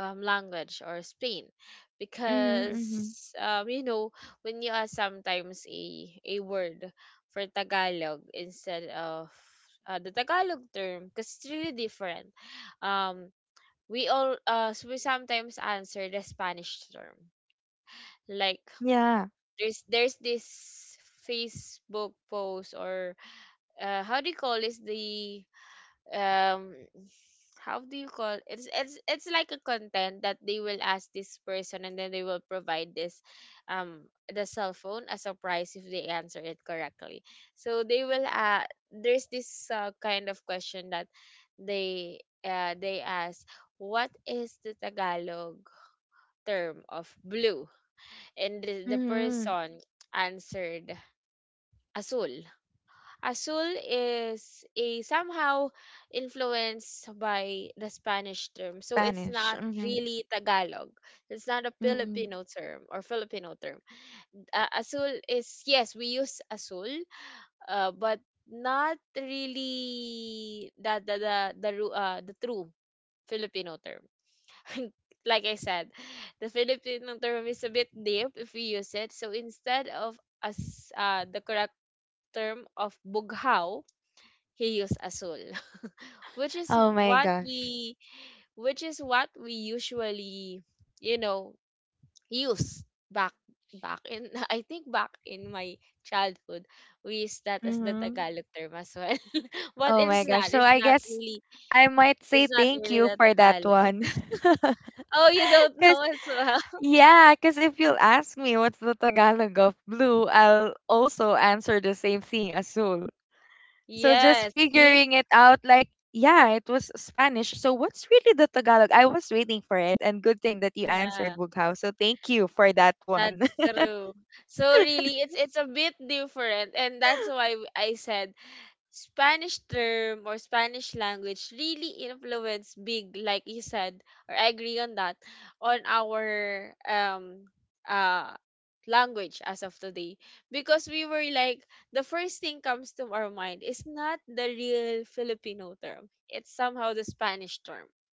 Speaker 1: language or Spain,
Speaker 2: Mm-hmm, mm-hmm.
Speaker 1: because you know, when you ask sometimes a word for Tagalog instead of the Tagalog term, because it's really different. Um, we all so we sometimes answer the Spanish term, like
Speaker 2: Yeah.
Speaker 1: there's this Facebook post or how do you call this, the um how do you call, it's it's like a content that they will ask this person and then they will provide this um the cell phone as a prize if they answer it correctly. So they will there's this kind of question that they they ask, what is the tagalog term of blue? And the
Speaker 2: Mm-hmm.
Speaker 1: person answered azul. Azul is a somehow influenced by the Spanish term. So it's
Speaker 2: Spanish.
Speaker 1: not
Speaker 2: Mm-hmm,
Speaker 1: really Tagalog. It's not a
Speaker 2: mm-hmm.
Speaker 1: Filipino term or Filipino term. Azul is yes, we use azul, but not really the the true Filipino term. Like I said, the Filipino term is a bit deep if we use it. So instead of as the correct term of bughaw, Chaos Azul, which is
Speaker 2: Oh my
Speaker 1: what
Speaker 2: gosh.
Speaker 1: we which is what we usually, you know, use back back in I think back in my childhood, we use that as the
Speaker 2: Mm-hmm.
Speaker 1: Tagalog term as well. But
Speaker 2: Oh
Speaker 1: it's
Speaker 2: my gosh.
Speaker 1: not.
Speaker 2: So I guess I might say
Speaker 1: It's not
Speaker 2: thank
Speaker 1: really
Speaker 2: you
Speaker 1: the
Speaker 2: for that
Speaker 1: Tagalog.
Speaker 2: one.
Speaker 1: Oh, you don't
Speaker 2: Cause
Speaker 1: know as well.
Speaker 2: yeah, cause if you'll ask me what's the Tagalog of blue, I'll also answer the same thing, azul. So just
Speaker 1: Yes. See?
Speaker 2: figuring it out, like yeah, it was Spanish. So what's really the Tagalog? I was waiting for it, and good thing that you
Speaker 1: Yeah.
Speaker 2: answered, Bughaw. So thank you for that one.
Speaker 1: That's true. So really it's a bit different, and that's why I said Spanish term or Spanish language really influence big, like you said, or I agree on that, on our uh language as of today. Because we were like the first thing comes to our mind is not the real Filipino term. It's somehow the Spanish term.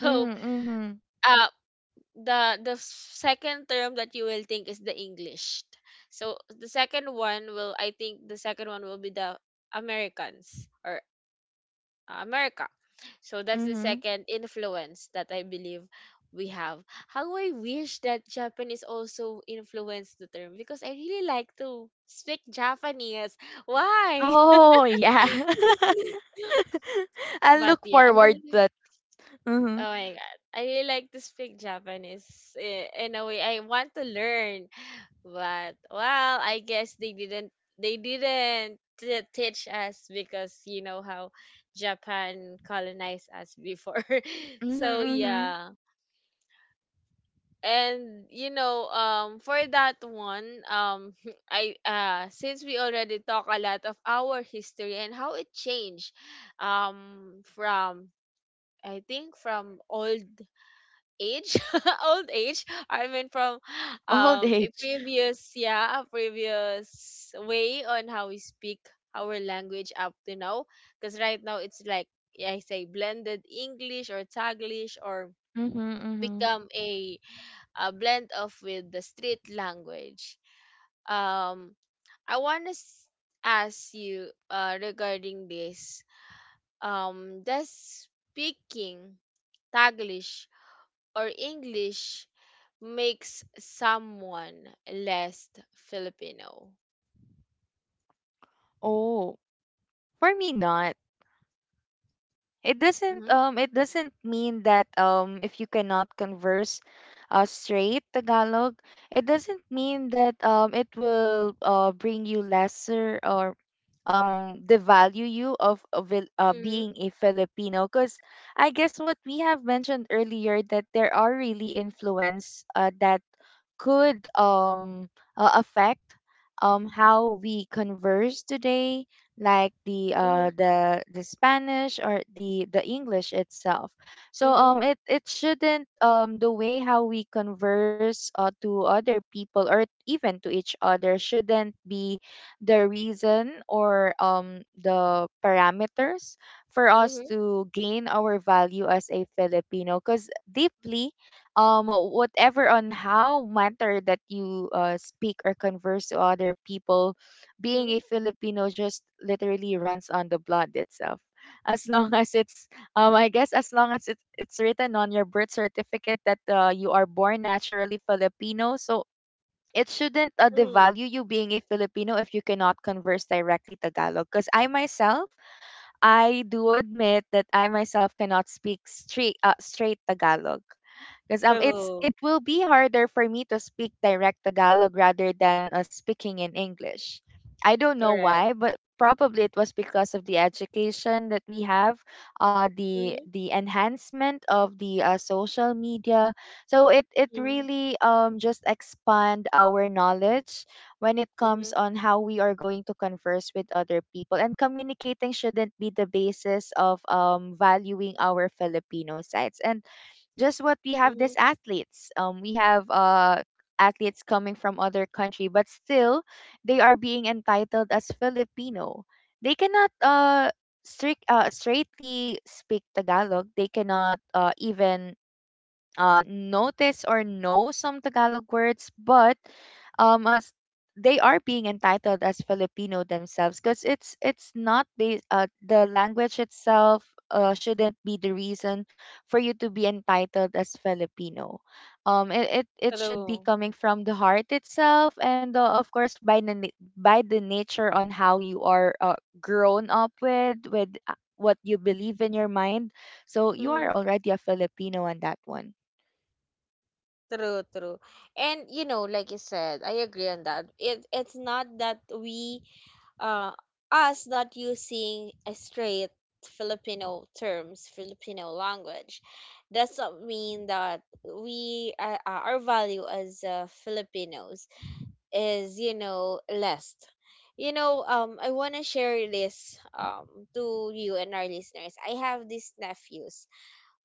Speaker 2: Mm-hmm,
Speaker 1: uh the second term that you will think is the English. So the second one will, I think the second one will be the Americans or America. So that's the
Speaker 2: mm-hmm.
Speaker 1: second influence that I believe we have. How I wish that Japanese also influenced the term, because I really like to speak Japanese. Why?
Speaker 2: Oh yeah, I'll
Speaker 1: But
Speaker 2: look
Speaker 1: yeah, I
Speaker 2: forward to
Speaker 1: really,
Speaker 2: that.
Speaker 1: oh
Speaker 2: Mm-hmm,
Speaker 1: my god, I really like to speak Japanese, in a way I want to learn. But well, I guess they didn't teach us because you know how Japan colonized us before.
Speaker 2: mm-hmm,
Speaker 1: So
Speaker 2: mm-hmm.
Speaker 1: yeah, and you know, for that one, I since we already talk a lot of our history and how it changed from I think from old age, old age I mean, from
Speaker 2: Old
Speaker 1: a
Speaker 2: age.
Speaker 1: previous, yeah, a previous way on how we speak our language up to now, because right now it's like, yeah, I say blended english or taglish or
Speaker 2: Mm-hmm, mm-hmm.
Speaker 1: become a blend off with the street language. Um, I want to ask you regarding this. Does speaking Taglish or English makes someone less Filipino?
Speaker 2: Oh, for me not.
Speaker 1: Mm-hmm.
Speaker 2: It doesn't mean that if you cannot converse straight Tagalog, it doesn't mean that it will bring you lesser or devalue you of it,
Speaker 1: Mm-hmm.
Speaker 2: being a Filipino, because I guess what we have mentioned earlier, that there are really influence that could affect how we converse today, like the
Speaker 1: Mm-hmm.
Speaker 2: Spanish or the English itself. So it shouldn't, the way how we converse to other people or even to each other, shouldn't be the reason or the parameters for us
Speaker 1: Mm-hmm.
Speaker 2: to gain our value as a Filipino, because deeply, whatever on how matter that you speak or converse to other people, being a
Speaker 1: Mm-hmm.
Speaker 2: Filipino just literally runs on the blood itself, as long as it's I guess as long as it's written on your birth certificate that you are born naturally Filipino. So it shouldn't
Speaker 1: Mm,
Speaker 2: devalue you being a Filipino if you cannot converse directly Tagalog, because I myself, I do admit that I myself cannot speak straight Tagalog, because it's, it
Speaker 1: true.
Speaker 2: will be harder for me to speak direct Tagalog rather than speaking in English. I don't know
Speaker 1: Correct.
Speaker 2: why, but probably it was because of the education that we have,
Speaker 1: Mm-hmm.
Speaker 2: the enhancement of the social media. So it really just expand our knowledge when it comes
Speaker 1: Mm-hmm.
Speaker 2: on how we are going to converse with other people, and communicating shouldn't be the basis of valuing our Filipino sides. And just what we have,
Speaker 1: Mm-hmm.
Speaker 2: these athletes. We have athletes coming from other country, but still they are being entitled as Filipino. They cannot straightly speak Tagalog. They cannot even notice or know some Tagalog words, but as they are being entitled as Filipino themselves, because it's not based, the language itself shouldn't be the reason for you to be entitled as Filipino. It, it, it should be coming from the heart itself, and of course by the nature on how you are grown up with, what you believe in your mind. So you are
Speaker 1: True.
Speaker 2: already a Filipino on that one.
Speaker 1: True, true. And you know, like you said, I agree on that. It it's not that we uh us not using a straight Filipino terms, Filipino language, doesn't mean that we our value as Filipinos is, you know, less. You know, I want to share this to you and our listeners. I have these nephews,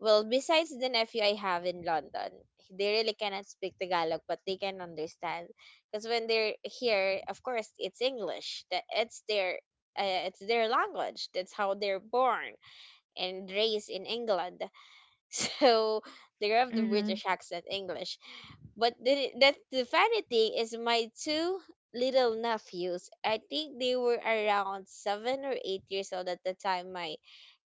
Speaker 1: well, besides the nephew I have in London, they really cannot speak Tagalog, but they can understand. Because when they're here, of course, it's English. That it's their language. That's how they're born and raised in England. So they have the
Speaker 2: Mhm,
Speaker 1: British accent English. But the that the funny thing is, my two little nephews. I think they were around 7 or 8 years old at the time. My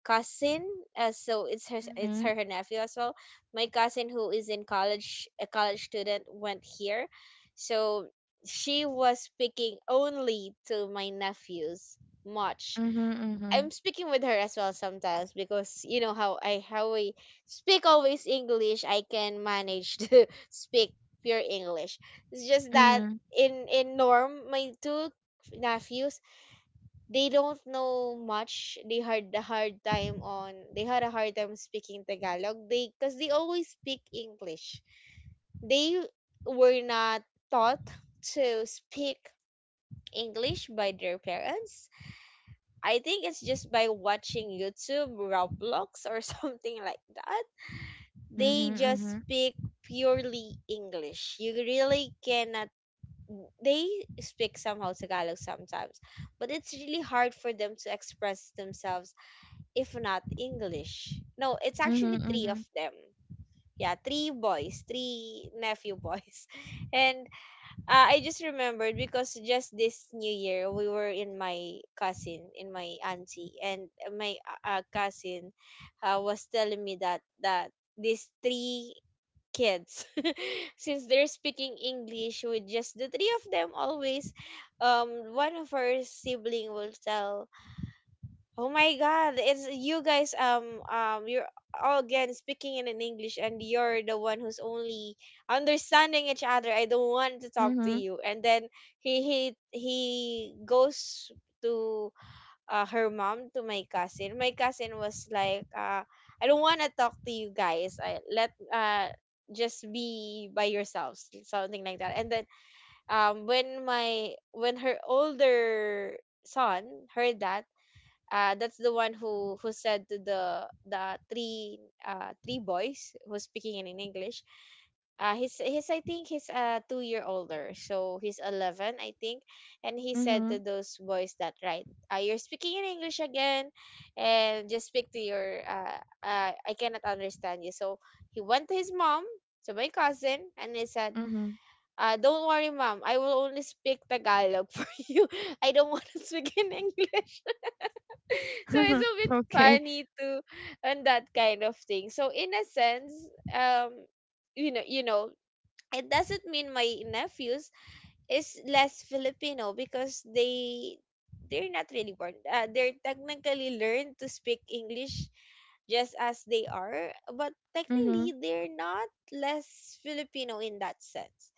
Speaker 1: cousin, so it's
Speaker 2: mhm,
Speaker 1: her nephew as well, my cousin who is in college, a college student, went here. So she was speaking only to my nephews much.
Speaker 2: mhm, mhm,
Speaker 1: I'm speaking with her as well sometimes, because you know how I how we speak always English. I can manage to speak pure English. It's just
Speaker 2: mhm,
Speaker 1: that
Speaker 2: mhm,
Speaker 1: in norm, my two nephews, they don't know much. They had a hard time speaking Tagalog. They, because they always speak English. They were not taught to speak English by their parents. I think it's just by watching YouTube, Roblox, or something like that. They just
Speaker 2: mhm,
Speaker 1: speak purely English. You really cannot. They speak somehow Tagalog sometimes, but it's really hard for them to express themselves if not English. No, it's actually three of
Speaker 2: mhm,
Speaker 1: them. Yeah, three boys, three nephew boys. And I just remembered, because just this new year we were in my cousin, in my auntie, and my cousin was telling me that these three kids, since they're speaking English with just the three of them always, one of her sibling will tell, "Oh my God, it's you guys, you're all again speaking in an English and you're the one who's only understanding each other. I don't want to
Speaker 2: mhm,
Speaker 1: talk to
Speaker 2: mhm,
Speaker 1: you." And then he he goes to her mom, to my cousin. My cousin was like, "I don't want to talk to you guys. I let just be by yourselves," something like that. And then when my when her older son heard that, that's the one who said to the three three boys who's speaking in English. He's I think he's 2 year older, so he's 11 I think, and he said to
Speaker 2: mhm,
Speaker 1: those boys that, "Right, you're speaking in English again, and just speak to your I cannot understand you." So he went to his mom, to my cousin, and he said,
Speaker 2: mhm.
Speaker 1: "Don't worry, mom. I will only speak Tagalog for you. I don't want to speak in English." So it's a bit
Speaker 2: Okay.
Speaker 1: funny, to and that kind of thing. So in a sense, um you know, it doesn't mean my nephews is less Filipino, because they're not really born, they're technically learned to speak English just as they are, but technically
Speaker 2: Mhm,
Speaker 1: they're not less Filipino in that sense.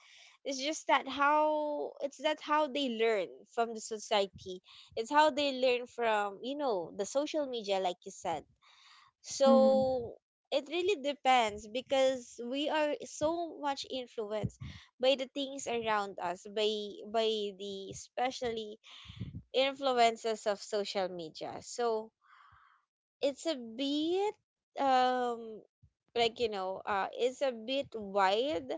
Speaker 1: It's just that how they learn from the society. It's how they learn from, the social media, like you said.
Speaker 2: mhm,
Speaker 1: So it really depends, because we are so much influenced by the things around us, by the, especially, influences of social media. So it's a bit um like, you know, it's a bit wide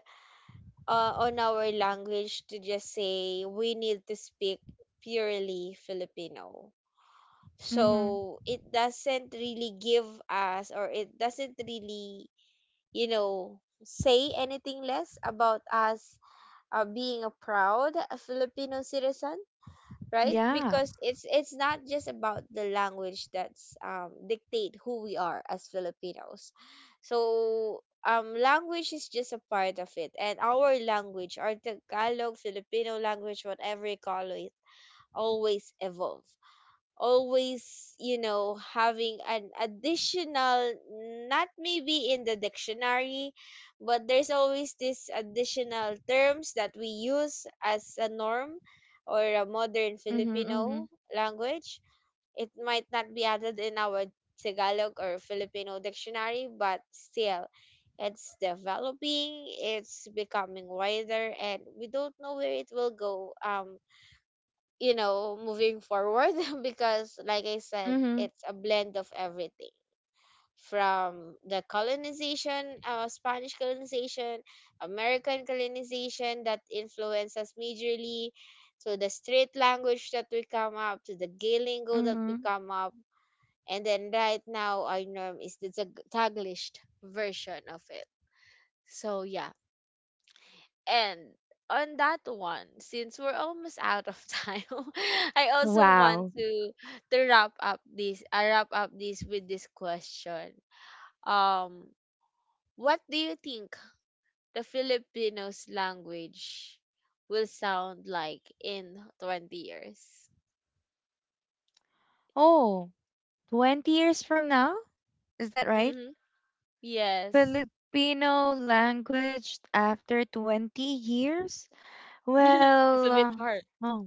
Speaker 1: on our language to just say we need to speak purely Filipino.
Speaker 2: mhm.
Speaker 1: So it doesn't really give us, or it doesn't really, you know, say anything less about us, being a proud Filipino citizen, right?
Speaker 2: Yeah.
Speaker 1: Because it's not just about the language that's dictate who we are as Filipinos. So language is just a part of it, and our language, our Tagalog Filipino language, whatever you call it, always evolve, always, you know, having an additional, not maybe in the dictionary, but there's always this additional terms that we use as a norm or a modern
Speaker 2: Mhm, mhm,
Speaker 1: Filipino language. It might not be added in our Tagalog or Filipino dictionary, but still, it's developing, it's becoming wider, and we don't know where it will go. You know, moving forward, because like I said,
Speaker 2: mhm,
Speaker 1: it's a blend of everything. From the colonization, Spanish colonization, American colonization that influenced us majorly, to the street language that we come up, to the Galingo that we
Speaker 2: mhm.
Speaker 1: come up, and then right now our norm is the Taglish version of it. So yeah, and on that one, since we're almost out of time, I also want
Speaker 2: Wow.
Speaker 1: to wrap up this I wrap up this with this question. Um what do you think the Filipinos language will sound like in 20 years?
Speaker 2: Oh, 20 years from now? Is that right?
Speaker 1: Mhm. Yes.
Speaker 2: Filipino language after 20 years?
Speaker 1: It's
Speaker 2: Well,
Speaker 1: a bit hard.
Speaker 2: oh.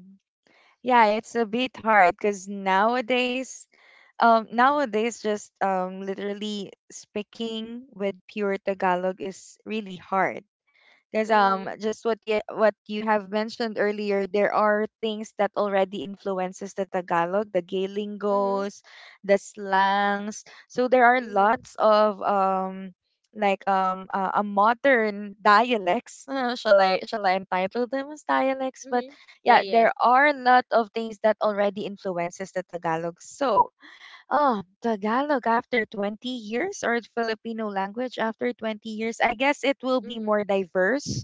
Speaker 2: Yeah, it's a bit hard because nowadays, nowadays just literally speaking with pure Tagalog is really hard, because
Speaker 1: Mhm.
Speaker 2: just what you, what you have mentioned earlier, there are things that already influences the Tagalog, the gay
Speaker 1: Mhm.
Speaker 2: lingos, the slangs. So there are
Speaker 1: Mhm.
Speaker 2: lots of a modern dialects. Shall I, entitle them as dialects, but
Speaker 1: Mhm. Yeah,
Speaker 2: yeah, there
Speaker 1: yes.
Speaker 2: are a lot of things that already influences the Tagalog. So, oh, Tagalog after 20 years or Filipino language after 20 years. I guess it will be
Speaker 1: Mhm.
Speaker 2: more diverse,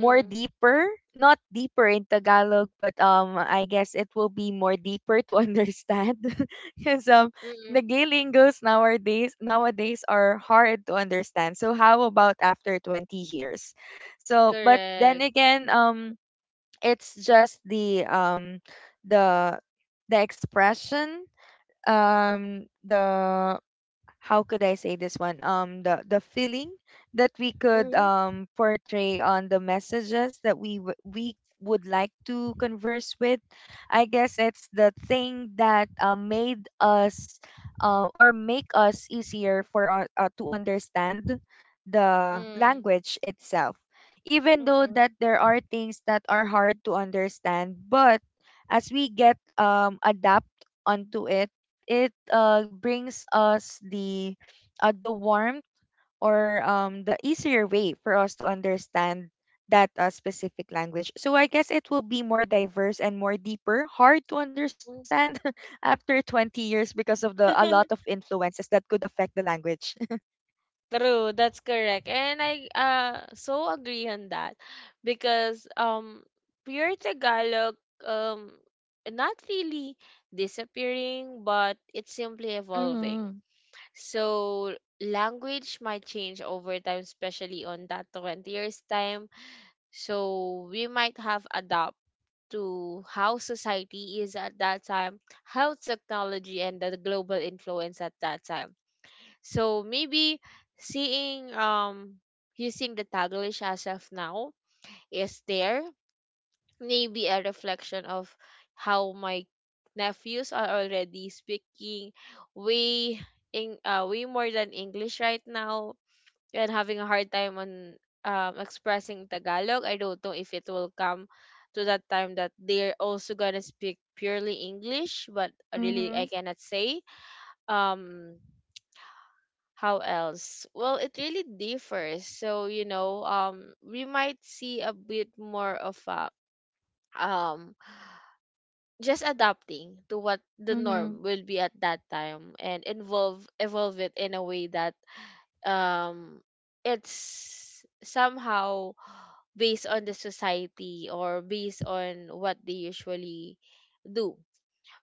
Speaker 2: more deeper, not deeper in Tagalog, but I guess it will be more deeper to understand, because
Speaker 1: Mhm.
Speaker 2: Nagalingos nowadays, are hard to understand. So how about after 20 years? So but then
Speaker 1: Correct.
Speaker 2: again, it's just the, the the expression, the how could I say this one? Um, the feeling that we could
Speaker 1: Mhm.
Speaker 2: portray on the messages that we would like to converse with. I guess it's the thing that made us or make us easier for our, to understand the
Speaker 1: Mm.
Speaker 2: language itself. Even though
Speaker 1: Mm-mm.
Speaker 2: that there are things that are hard to understand, but as we get adapt onto it, it brings us the warmth or the easier way for us to understand that specific language. So I guess it will be more diverse and more deeper, hard to
Speaker 1: Mm.
Speaker 2: understand after 20 years, because of the a lot of influences that could affect the language.
Speaker 1: True, that's correct. And I so agree on that, because pure Tagalog, um not really disappearing, but it's simply evolving.
Speaker 2: Mhm.
Speaker 1: So language might change over time, especially on that 20 years time. So we might have adapt to how society is at that time, how technology and the global influence at that time. So maybe seeing, using the Taglish as of now, is there maybe a reflection of how my nephews are already speaking way, in way more than English right now, and having a hard time on expressing Tagalog. I don't know if it will come to that time that they're also gonna speak purely English, but really I
Speaker 2: Mhm.
Speaker 1: cannot say. Um, how else, well it really differs, so you know, we might see a bit more of a um just adapting to what the
Speaker 2: Mhm.
Speaker 1: norm will be at that time, and involve evolve it in a way that um it's somehow based on the society, or based on what they usually do.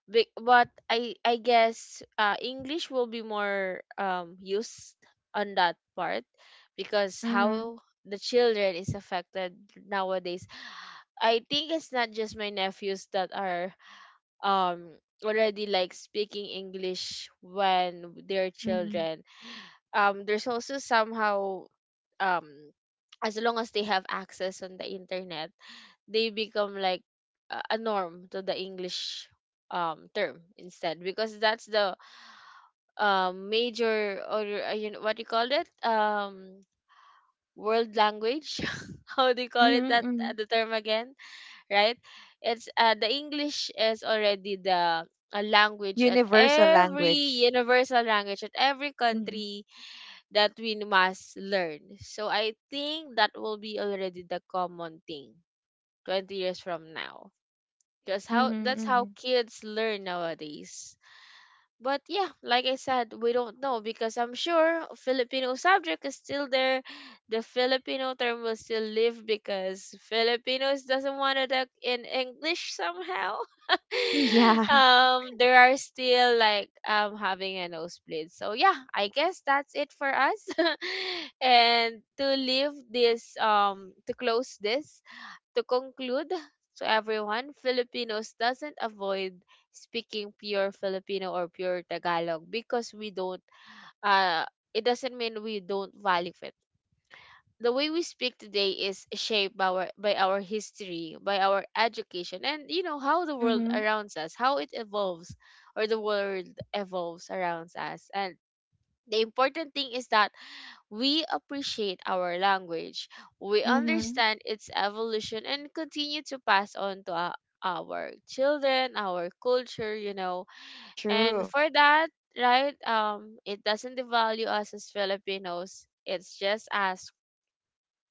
Speaker 1: But I guess English will be more used on that part, because
Speaker 2: Mhm.
Speaker 1: how the children is affected nowadays. I think it's not just my nephews that are um already like speaking English when they're
Speaker 2: Mhm.
Speaker 1: children. There's also somehow, um as long as they have access on the internet, they become like a norm to the English term instead, because that's the major, or you know, what do you call it, world language, how do you call it
Speaker 2: Mhm.
Speaker 1: that,
Speaker 2: Mhm.
Speaker 1: the term again, right? It's the English is already the a language at
Speaker 2: Universal
Speaker 1: every
Speaker 2: language.
Speaker 1: universal language at every
Speaker 2: Mhm.
Speaker 1: country that we must learn. So I think that will be already the common thing 20 years from now. Because
Speaker 2: Mhm.
Speaker 1: how, that's how
Speaker 2: Mhm.
Speaker 1: kids learn nowadays. But yeah, like I said, we don't know, because I'm sure Filipino subject is still there. The Filipino term will still live, because Filipinos doesn't want it like in English somehow.
Speaker 2: Yeah.
Speaker 1: There are still like having a nosebleed. So yeah, I guess that's it for us. And to leave this to close this, to conclude, to everyone, Filipinos doesn't avoid speaking pure Filipino or pure Tagalog because we don't, uh it doesn't mean we don't value it. The way we speak today is shaped by our history, by our education, and you know how the world
Speaker 2: Mhm.
Speaker 1: around us, how it evolves, or the world evolves around us. And the important thing is that we appreciate our language, we
Speaker 2: Mhm.
Speaker 1: understand its evolution, and continue to pass on to our children, our culture, you know. And
Speaker 2: True.
Speaker 1: for that, right, it doesn't devalue us as Filipinos. It's just us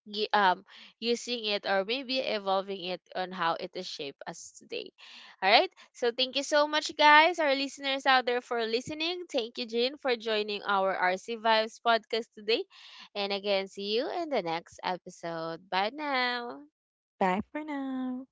Speaker 1: y- um using it, or maybe evolving it on how it is shaped as today. All right. So thank you so much, guys, our listeners out there, for listening. Thank you, Jin, for joining our RC Vibes podcast today. And again, see you in the next episode. Bye now.
Speaker 2: Bye for now.